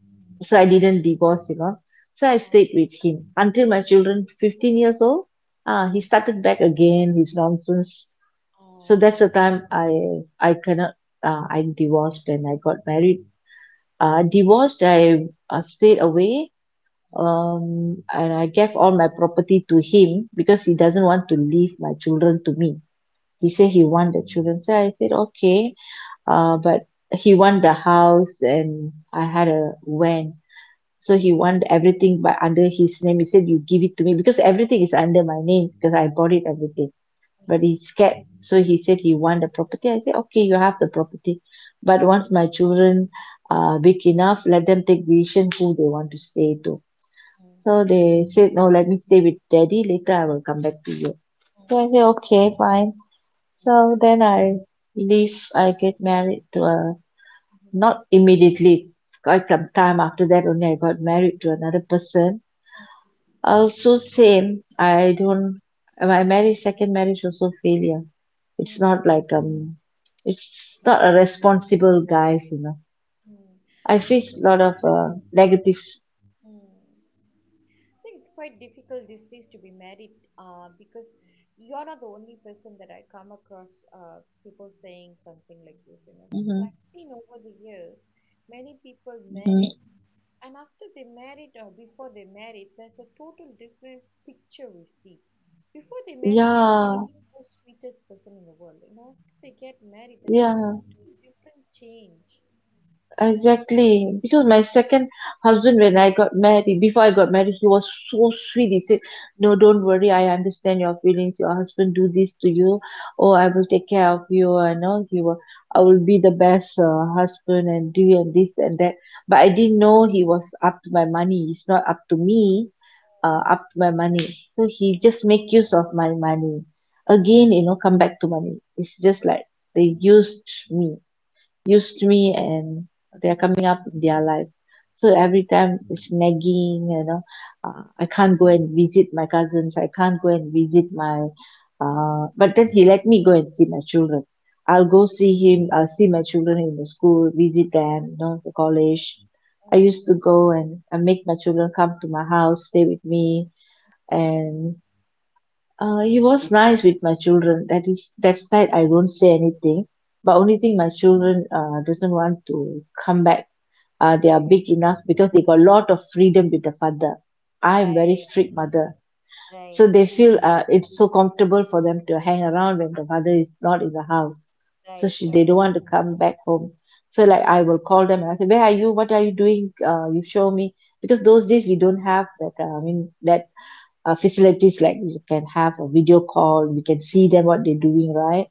So I ờ, didn't divorce, you know. So I ờ, stayed with him until my children fifteen years old. Ah, he ờ, started back again his nonsense. ờ. So that's the time, I— I cannot— uh, I divorced and I got married. uh, Ừm, Divorced, I, uh, stayed away, ừm, um, and I gave all my property to him, because he doesn't want to leave my children to me. He said ừm, he want the children. So I said, okay, uh, but he want the house, and I had a van. So he want everything but under his name. He said, you give it to me because everything is under my name because I bought it everything, but ừm, he's scared, so he said he want the property. I said okay, you have the property. But once my children are big enough, let them take decision who they want to stay to. ừm, ừm, So they said, no, let me stay with daddy, later I will come back to you. ừm, So I ừm, said okay, fine. ừm, So then I leave. I get married to a ừm, not immediately, quite some time after that only I got married to another person. Also, same. I don't. My marriage, second marriage, also failure. It's not like, um, it's not a responsible guys, you know. I I faced think a lot of, it's so diff uh, negative. mm. I think it's quite difficult these days to be married, uh, because you're not the only person that I come across, uh, people saying something like this, you know, because Hmm. I've seen over the years many people married, and after they married or before they married there's a total different picture we see. Before they married they are one of Yeah, the most sweetest person in the world, you know, after they get married there's a yeah. totally different change. Exactly. Because my second husband, when I got married, before I got married, he was so sweet. He said, no, don't worry, I understand your feelings. Your husband do this to you. Oh, I will take care of you. I know he will— I will be the best, uh, husband, and do, and this and that. But I didn't know he was up to my money. It's not up to me, uh, up to my money. So he just make use of my money. Again, you know, come back to money. It's just like they used me, used me, and they're coming up in their life. So every time it's nagging, you know, uh, I can't go and visit my cousins, I can't go and visit my, uh, but then he let me go and see my children. I'll go see him, I'll see my children in the school, visit them, you know, the college. I used to go, and I make my children come to my house, stay with me, and, uh, he was nice with my children. That is that side, I do not say anything. But only thing, my children, uh, doesn't want to come back. Uh, they are big enough because they got a lot of freedom with the father. I am very Right, strict mother, right, so they feel, uh, it's so comfortable for them to hang around when the father is not in the house. So right, she they right. don't want to come back home. So You like know. I will call them and I say, where are you? What are you doing? Uh, you show me, because those days we don't have that. Uh, I mean that uh, facilities like you can have a video call, we can see them what they're doing, right?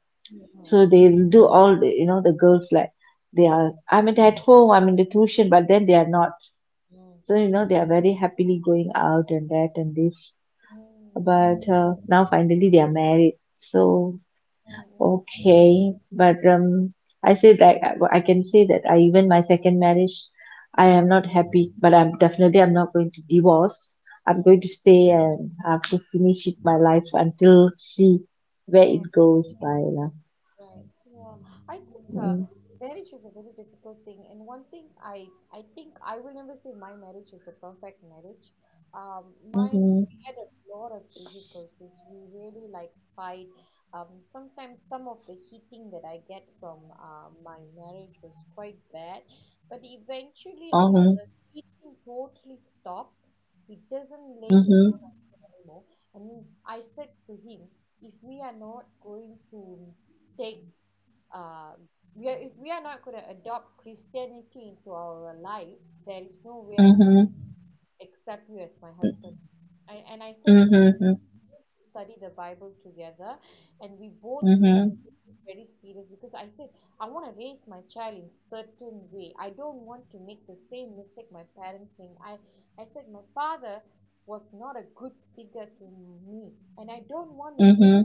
So Mm. they will do all the you know the girls, like they are, I'm at at home, I'm in the tuition, but then they are not. Mm. So you know, they are very happily going out and that and this. Mm. But uh, now finally they are married, so. Mm. Okay, but um, I said I, well, I can say that I, even my second marriage, I Mm. am not happy, but I'm definitely I'm not going to divorce. I'm Mm. going to stay and have to finish it my life until see where Mm. it goes by lah. Right. Yeah. I think uh, Mm. marriage is a very difficult thing, and one thing I I think I will never say my marriage is a perfect marriage. Um, mine, Mhm, we had a lot of difficulties. We really like fight. Um, sometimes some of the heating that I get from uh, my marriage was quite bad, but eventually uh, mhm, the heating totally stopped. He doesn't lay his know, and I said to him, if we are not going to take uh we are if we are not going to adopt Christianity into our life, there is no way I'm going mhm, to accept you as my husband. I, and I said we mhm, mhm, to study the Bible together, and we both need to mhm, take it very serious, because I said I want to raise my child in certain way. I don't want to make the same mistake my parents made. I, I said my father was not a good figure to me, and I don't want the same mhm.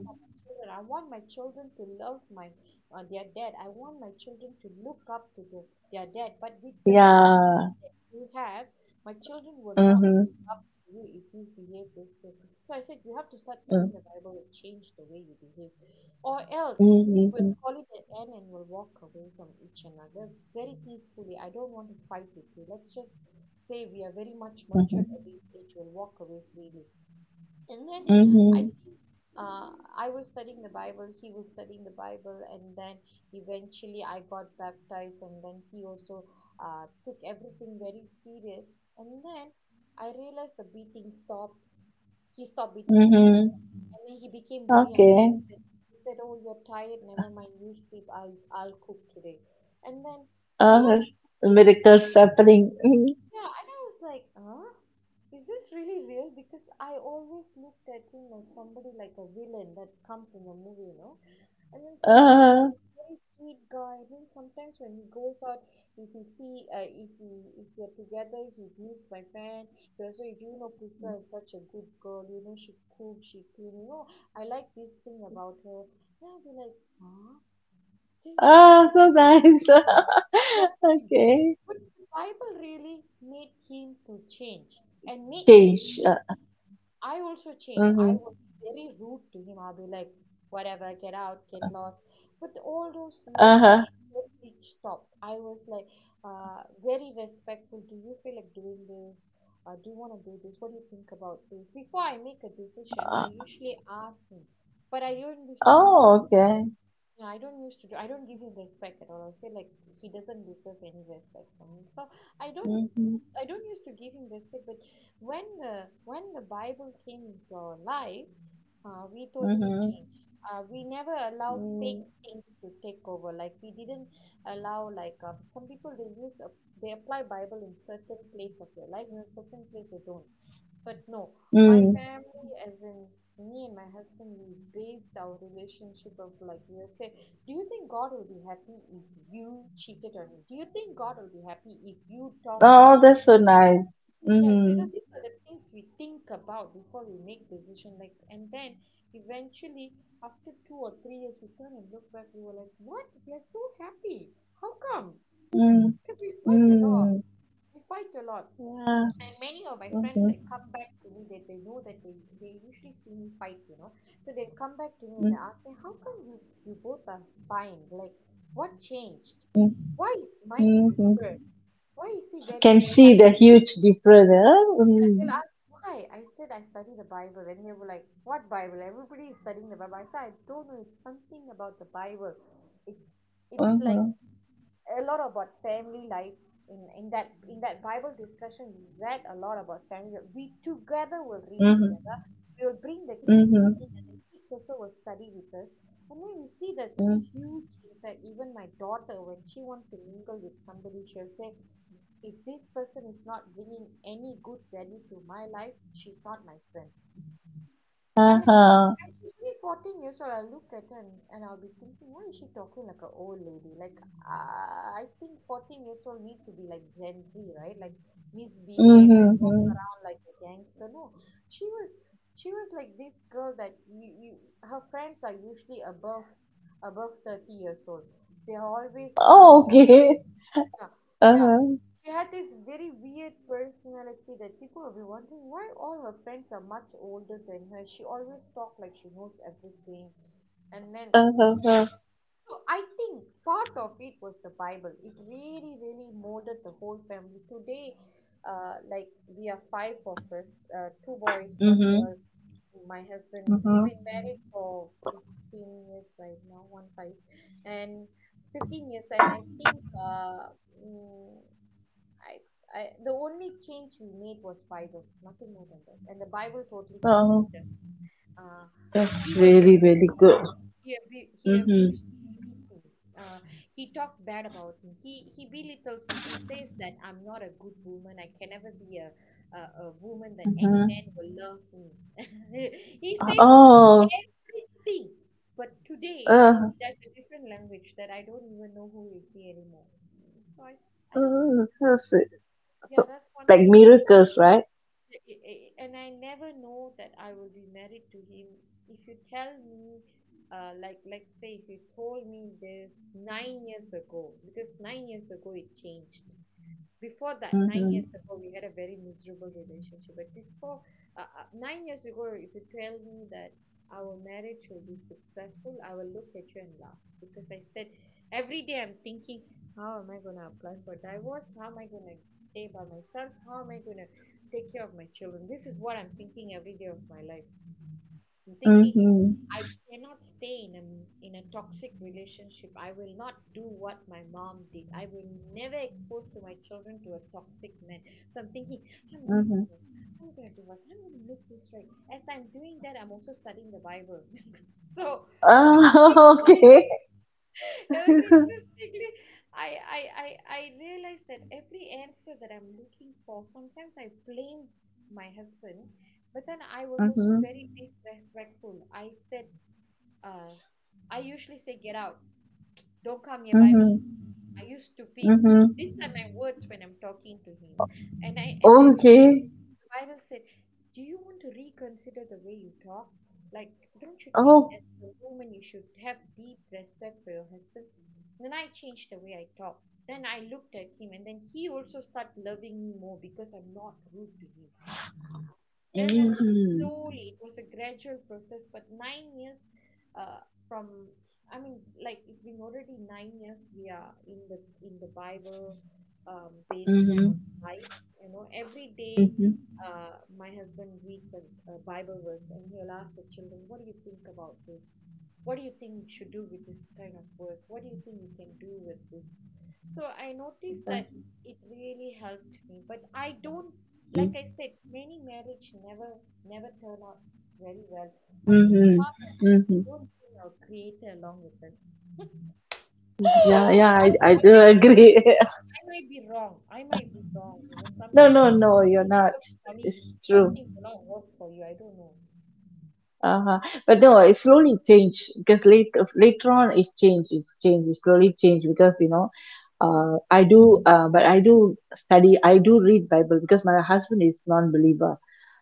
children. I want my children to love my uh, their dad. I want my children to look up to the, their dad, but with the Yeah. quality that you have, my children will not Mhm, look up to you if you behave this way. So I said, you have to start mm, studying the Bible and change the way you behave, or else mhm, we'll call it an end and we'll walk away from each another very peacefully. I don't want to fight with you. Let's just say we are very much mhm, matured at this age. We'll walk away freely. And then I mhm, think uh, I was studying the Bible, he was studying the Bible, and then eventually I got baptized, and then he also uh, took everything very serious. And then I realized the beating stops. He stopped beating me, mhm. and then he became very Okay. understanding. He said, "Oh, you're tired. Never mind. You sleep. I'll I'll cook today." And then a lot Ah, of things, miracles happening. yeah, and I was like, huh? Is this really real? Because I always looked at him as somebody like a villain that comes in a movie, you know? And (laughs) then Mm. suddenly, a Ah, very sweet guy. And then sometimes when he goes out, if he see, uh, if we if we are together, he meets my friend. He also, you know, Priscilla is such a good girl. You know, she cook, she clean. You know, I like this thing about her. And I'll be like, huh? This is not ah, so him. nice. Not (laughs) him. Okay. But the Bible really made him to change, and made me to Change. change. Uh, I also changed. I mm-hmm. was very rude to him. I'll be like, whatever, get out, get lost. But all those Uh-huh. language totally stopped. I was like, uh, very respectful. Do you feel like doing this? Uh, do you want to do this? What do you think about this? Before I make a decision, I Uh, usually ask him. But I don't used to do, oh, okay. yeah, I don't used to do. I don't give him respect at all. I feel like he doesn't deserve any respect from me, so I don't Mm-hmm. I don't used to give him respect. But when the when the Bible came into our life, uh, we totally Mm-hmm. changed. Uh, we never allow Mm. fake things to take over. Like, we didn't allow, like, um, some people, they use a, they apply Bible in certain place of their life. In a certain place they don't, but no, my Mm. family, as in me and my husband, we based our relationship of, like, we'll say, do you think God will be happy if you cheated on him? Do you think God will be happy if you talk Oh, rude? that's so nice. Yeah, you know, Mm-hmm. these are the things we think about before we make decision. Like, and then eventually, after two or three years, we turn and look back. We were like, what? We are so happy. How come? Mm. Because we fight a lot. Mm. We fight a lot, Yeah. and many of my friends Mm-hmm. that come back to me, that they know that they they usually see me fight, you know. So they'll come back to me, and they ask me, how come you, you both are fine? Like, what changed? Mm-hmm. Why is Mike Mm-hmm. different? Why is he Can very see happy? the huge difference. Huh? They'll Mm-hmm. ask why. I said, I study the Bible. And they were like, what Bible? Everybody is studying the Bible. I said, I don't know, it's something about the Bible. it it's like Mm-hmm. a lot about family life. In in that, in that Bible discussion, we read a lot about family. We Together will read Mm-hmm. together. We will bring the kids Mm-hmm. in, and the kids also will study with us. And then we see that's a Mm-hmm. huge impact. Even my daughter, when she wants to mingle with somebody, she'll say, if this person is not bringing any good value to my life, she's not my friend. And and Uh-huh. she's only fourteen years old. I look at her and and I'll be thinking, why is she talking like an old lady? Like, uh, I think fourteen years old need to be like Gen Z, right? Like, misbehave Mm-hmm. and walk Mm-hmm. around like a gangster. No, she was she was like this girl that you, you her friends are usually above above thirty years old. They are always grown. Oh, okay. (laughs) Yeah, yeah. Uh-huh. She had this very weird personality that people will be wondering why all her friends are much older than her. She always talked like she knows everything. And then, Uh-huh. Uh-huh. so I think part of it was the Bible. It really, really molded the whole family. Today, uh, like, we are five of us, uh, two boys, one Mm-hmm. girl, my husband. We've Mm-hmm. been married for fifteen years right now, one five. And fifteen years and I think uh, mm, I, I the only change we made was Bible, nothing more than that. And the Bible totally changed Oh, us. Uh, that's he was really, abused. really good. He, abu- he abused. Mm-hmm. He beat me. Uh, he talked bad about me. He he belittles me. He says that I'm not a good woman. I can never be a a, a woman that any Mm-hmm. man will love me. (laughs) He says Oh, everything. But uh, today uh, there's a different language that I don't even know who is he anymore. So I I so, so, so- yeah, that's one like thing. miracles, right? I- I- and I never know that I will be married to him. If you tell me, uh, like, let's say if you told me this nine years ago, because nine years ago it changed. Before that, nine Mm-hmm. years ago, we had a very miserable relationship. But before uh, uh, nine years ago, if you tell me that our marriage will be successful, I will look at you and laugh, because I said every day I'm thinking, how am I going to apply for divorce? How am I going to stay by myself? How am I going to take care of my children? This is what I'm thinking every day of my life. I'm thinking Mm-hmm. I cannot stay in a in a toxic relationship. I will not do what my mom did. I will never expose to my children to a toxic man. So I'm thinking, I'm gonna Mm-hmm. divorce. I'm gonna divorce. I'm gonna make this right. As I'm doing that, I'm also studying the Bible. (laughs) So it was Oh, in- (laughs) okay. it was (laughs) interestingly, I I I I realized that every answer that I'm looking for, sometimes I blame my husband, but then I was also Mm-hmm. very disrespectful. I said, uh, I usually say, get out. Don't come nearby me. Mm-hmm. Are you stupid? Mm-hmm. These are my words when I'm talking to him. And I and then Okay. the Bible said, do you want to reconsider the way you talk? Like, don't you think Oh. as a woman you should have deep respect for your husband? Then I changed the way I talk. Then I looked at him, and then he also started loving me more because I'm not rude to him. And then Mm-hmm. slowly it was a gradual process, but nine years uh, from I mean, like, it's been already nine years we are in the in the Bible, um, based kind of Mm-hmm. life. You know, every day, Mm-hmm. uh, my husband reads a, a Bible verse, and he'll ask the children, what do you think about this? What do you think we should do with this kind of verse? What do you think we can do with this? So I noticed that it really helped me. But I don't, like I said, many marriage never, never turn out very well. I think Mm-hmm. part of it is Mm-hmm. don't bring our creator along with us. (laughs) Yeah, yeah, I, I I do might be, agree. (laughs) I might be wrong. I might be wrong. You know, No, sometimes no, no, you're something not. works for me, It's true. something will not work for you. I don't know. Uh-huh. But no, it slowly changed because later later on it's changed. It's changed. It slowly changed because you know, Mm, uh, I do, uh, but I do study. I do read Bible because my husband is non-believer.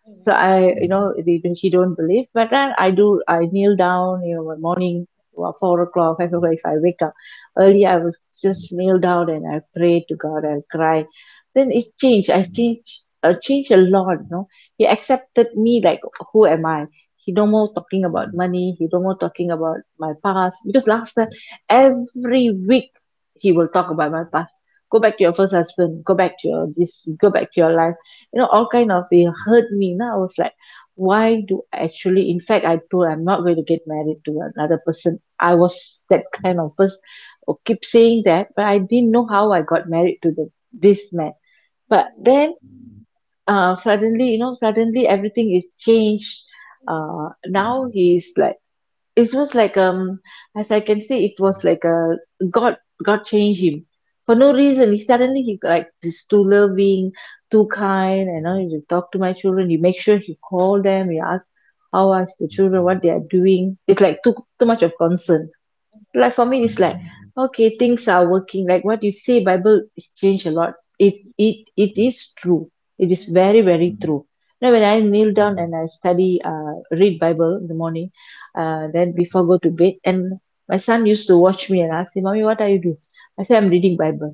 mm, So I, you know, they, don't- he don't believe, but then I do. I kneel down, you know, one morning, well, four o'clock, five o'clock. If I wake up early, I will just kneel down and I pray to God. I cry. Then it changed. I changed. I changed a lot. You know, he accepted me like who am I. He no mm, more talking about money. He no more talking about my past, because last time every week he will talk about my past. Go back to your first husband. Go back to your this. Go back to your life, you know, all kind of, it hurt me. Now I was like, why do I actually, in fact I told I'm not going to get married to another person. I was that kind of person who keep saying that, but I didn't know how I got married to the, this man. mm, But mm, mm, then uh, suddenly, you know, suddenly everything is changed. mm, mm, uh, Now he's like, it was like um as I can say, it was like a god, god changed him. For no reason, he suddenly he got like this too loving, too kind, and now he talk to my children, he make sure he call them, he ask, how are the children, what they are doing. It's like too too much of concern. mm, Like for me it's like, okay, things are working like what you say, Bible is changed a lot. It's it it is true. It mm, is mm, very very true. Now when I kneel down and I study, uh read Bible in the morning, uh then before I go to bed, and my son used to watch me and ask me, mommy, what are you doing? I say I'm reading Bible.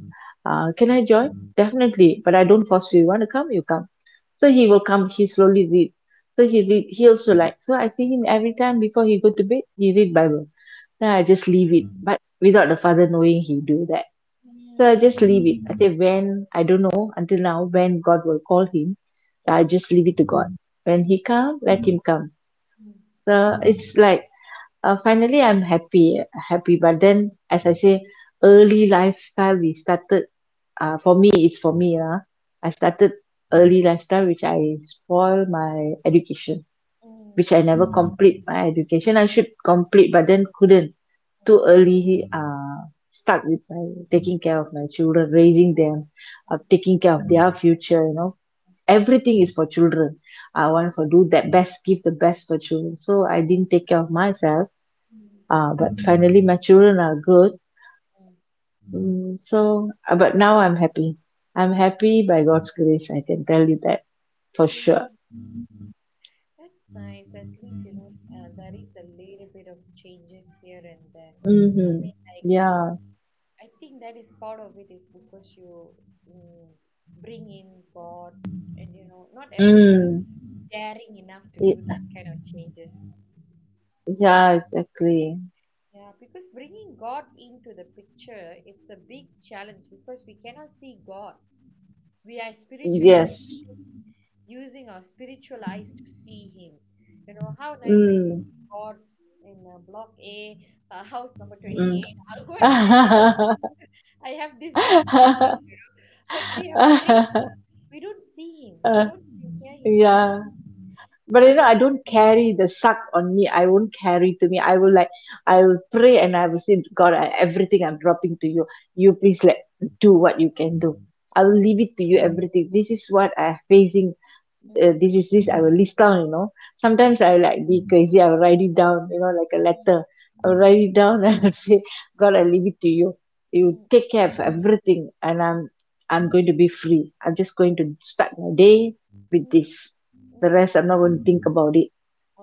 Uh, can I join? Definitely, but I don't force you. You want to come, you come. So he will come, he slowly read. So he read, he also like, so I see him every time before he go to bed, he read Bible. Then I just leave it, but without the father knowing he do that. So I just leave it. I say when, I don't know until now when God will call him. I just leave it to God. When he come, let him come. mm, mm, mm, mm, mm, mm, mm, So it's like, uh, finally I'm happy, happy. But then, as I say, early lifestyle we started, uh for me it's, for me lah, I mm, started early lifestyle, which I spoil my education, which I never complete my education. I should complete but then couldn't. Too early uh start with my taking care of my children, raising them, uh taking care of their future, you know, everything is for children. I mm, want to do that best, give the best for children, so I didn't take care of myself. mm, mm, uh But finally my children are good. mm. Mm, so, uh, but now I'm happy. I'm mm. happy by God's grace. I can tell you that for Mm. sure. That's nice. At least, you know, uh, there is a little bit of changes here and there. I Mm-hmm. mean, like, Yeah. I think that is part of it is because you, mm, bring in God. And, you know, not everybody Mm. daring enough to do Y- that kind of changes. Yeah, exactly. Yeah, because bringing God into the picture, it's a big challenge, because we cannot see God. We are spiritually Yes. using our spiritual eyes to see him. You know, how nice I can Mm. see God in, uh, block A, uh, house number Mm. twenty-eight. I'll go and say, I have this, this problem. But we are praying. We don't see him. We don't even hear (laughs) his voice. Yeah. But you know, Um, I don't carry the suck on me, I won't carry to me. I will like, I will pray and I will say, God, I, everything I'm dropping to you, you please let, do what you can do. I will mm, leave it to you everything, this is what I'm facing, mm, uh, this is this I will list down, you know, mm, mm, sometimes I like be crazy, I will write it down, you know, like a letter. I will write it down (laughs) and I'll say, God, I leave it to you, mm, you mm, take care of everything, and I'm I'm going to be free, I'm just going to start my day with mm, this. mm, The mm, rest I'm not going to think about it.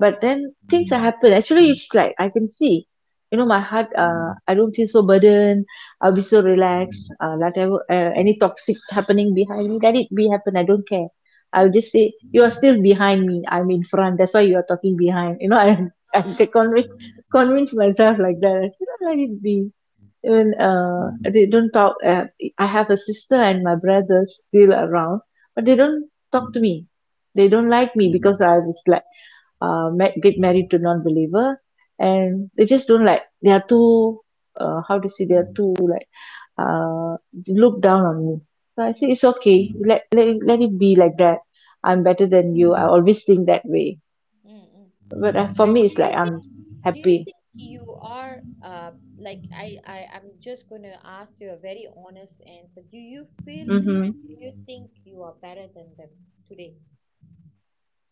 But then things that happen, actually it's like I can see, you know, my mm, heart, uh, I don't feel so burdened. I'll be mm, so relaxed. uh, mm, Whatever uh, any toxic happening behind me, let it be happen, I don't care. I'll mm, just say, you are still behind me, I'm in front, that's why you are talking behind, you know. I (laughs) I can ah, convince convince myself like that. I said, "Oh, let it be, even mm, uh, they don't talk. uh, I have a sister and my brother still around, but mm, they mm, don't talk to me. They don't mm, like me because I was like, uh ma- get married to non-believer, and they just don't like. They are too, uh, how to say, they are too like, uh look down on me. So I say mm, it's okay, let, let it- let it be like that. I'm mm, better than you, I always think that way. mm, mm. But uh, for And me do it's like, you think? I'm Do you happy. think you are uh, like, I, I I'm just going to ask you a very honest answer. Do you feel, Mm-hmm. do you think you are better than them today?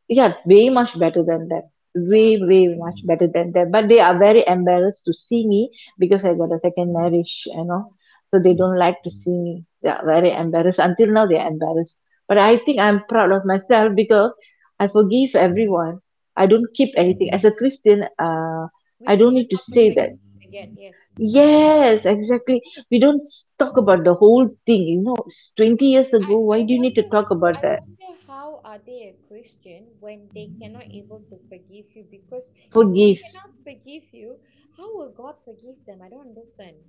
Yeah, way much better than them. Yeah. Way way much better than them. But they are very embarrassed to see me because I Mm. got a second marriage, you know. mm, So they don't like to see me. They are very embarrassed, until now they are embarrassed. But I think I'm proud of myself (laughs) because I mm, forgive everyone. I don't mm. keep anything. As a Christian, uh We I should don't learn need to how to say forg- that. forget. Yes. Yes, exactly. We Mm. don't s- talk about the whole thing, you know, it's twenty years ago, why I I do you need to wonder, talk about I that? wonder how are they a Christian when they cannot able to forgive you, because if they Forgive. cannot forgive you, how will God forgive them? I don't understand.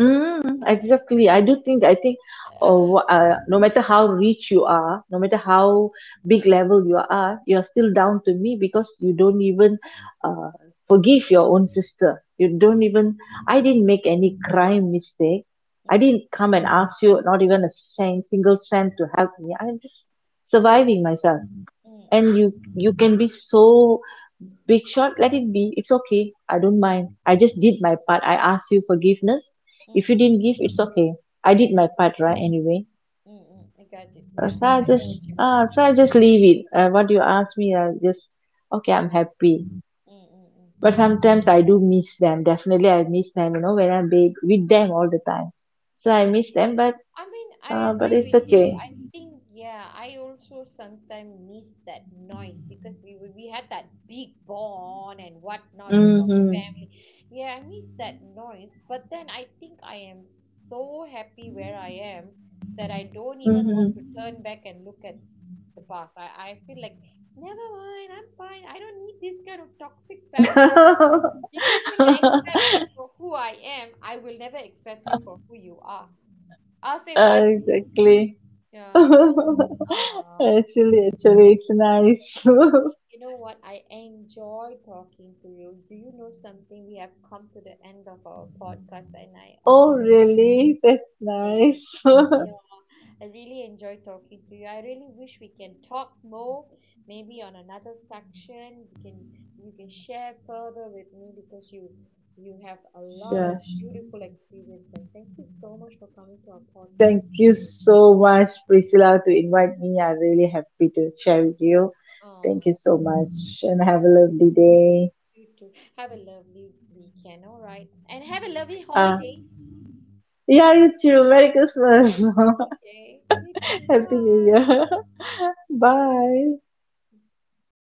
Mm, exactly. I do think, I think, Uh, oh, uh, no matter how rich you are, no matter how big level you are, you're still down to me because you don't even uh, forgive your own sister. You don't mm, even, I mm, didn't make any crime mistake. I mm, didn't come and ask you not even a cent, single cent to help me. I'm just mm, surviving myself. mm, mm. And you you can be so big shot, let it be, it's okay. I don't mind, I just did my part, I asked you forgiveness. If mm. you didn't give, it's okay. I did Mm, my part, right? Anyway. mm, mm. I got it. Uh, Yeah, so i I got what just you mean. uh, so I just leave it. Uh, what you ask me, I just, okay, Mm, I'm happy. mm, mm, mm. But sometimes I do miss them, definitely I miss them, you know, when I'm big with them all the time, so I miss them. But I mean, I uh, but agree it's with you. okay. I think, yeah, I also sometimes miss that noise, because we were- we had that big bond and whatnot with our Mm-hmm. family. Yeah, I miss that noise. But then I think I am so happy where I am, that I don't even want to turn back and look at the past. I, I feel like, never mind, I'm fine. I don't need this kind of toxic family. Mm-hmm. If you cannot accept (laughs) me for who I am, I will never accept you for who you are. I'll say bye to you. Exactly. (laughs) Yeah. Actually, Ah, actually, it's nice. (laughs) you know what? I enjoy talking to you. Do you know something? We have come to the end of our podcast, and I Oh, honestly, really? That's yeah, nice. (laughs) yeah, I really enjoy talking to you. I really wish we can talk more, maybe on another section. You can, you can share further with me, because you you have a lot of Sure. beautiful experience. And thank you so much for coming to our Thank podcast you today. so much, Priscilla, to invite me. I'm really happy to share with you. Thank you Oh, so much and oh, have a lovely day. you too. Have a lovely weekend, all right? And have a lovely Ah, holiday. yeah, you too. Merry Christmas. Okay. You too. (laughs) Happy New Bye. Year. (laughs) Bye.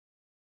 I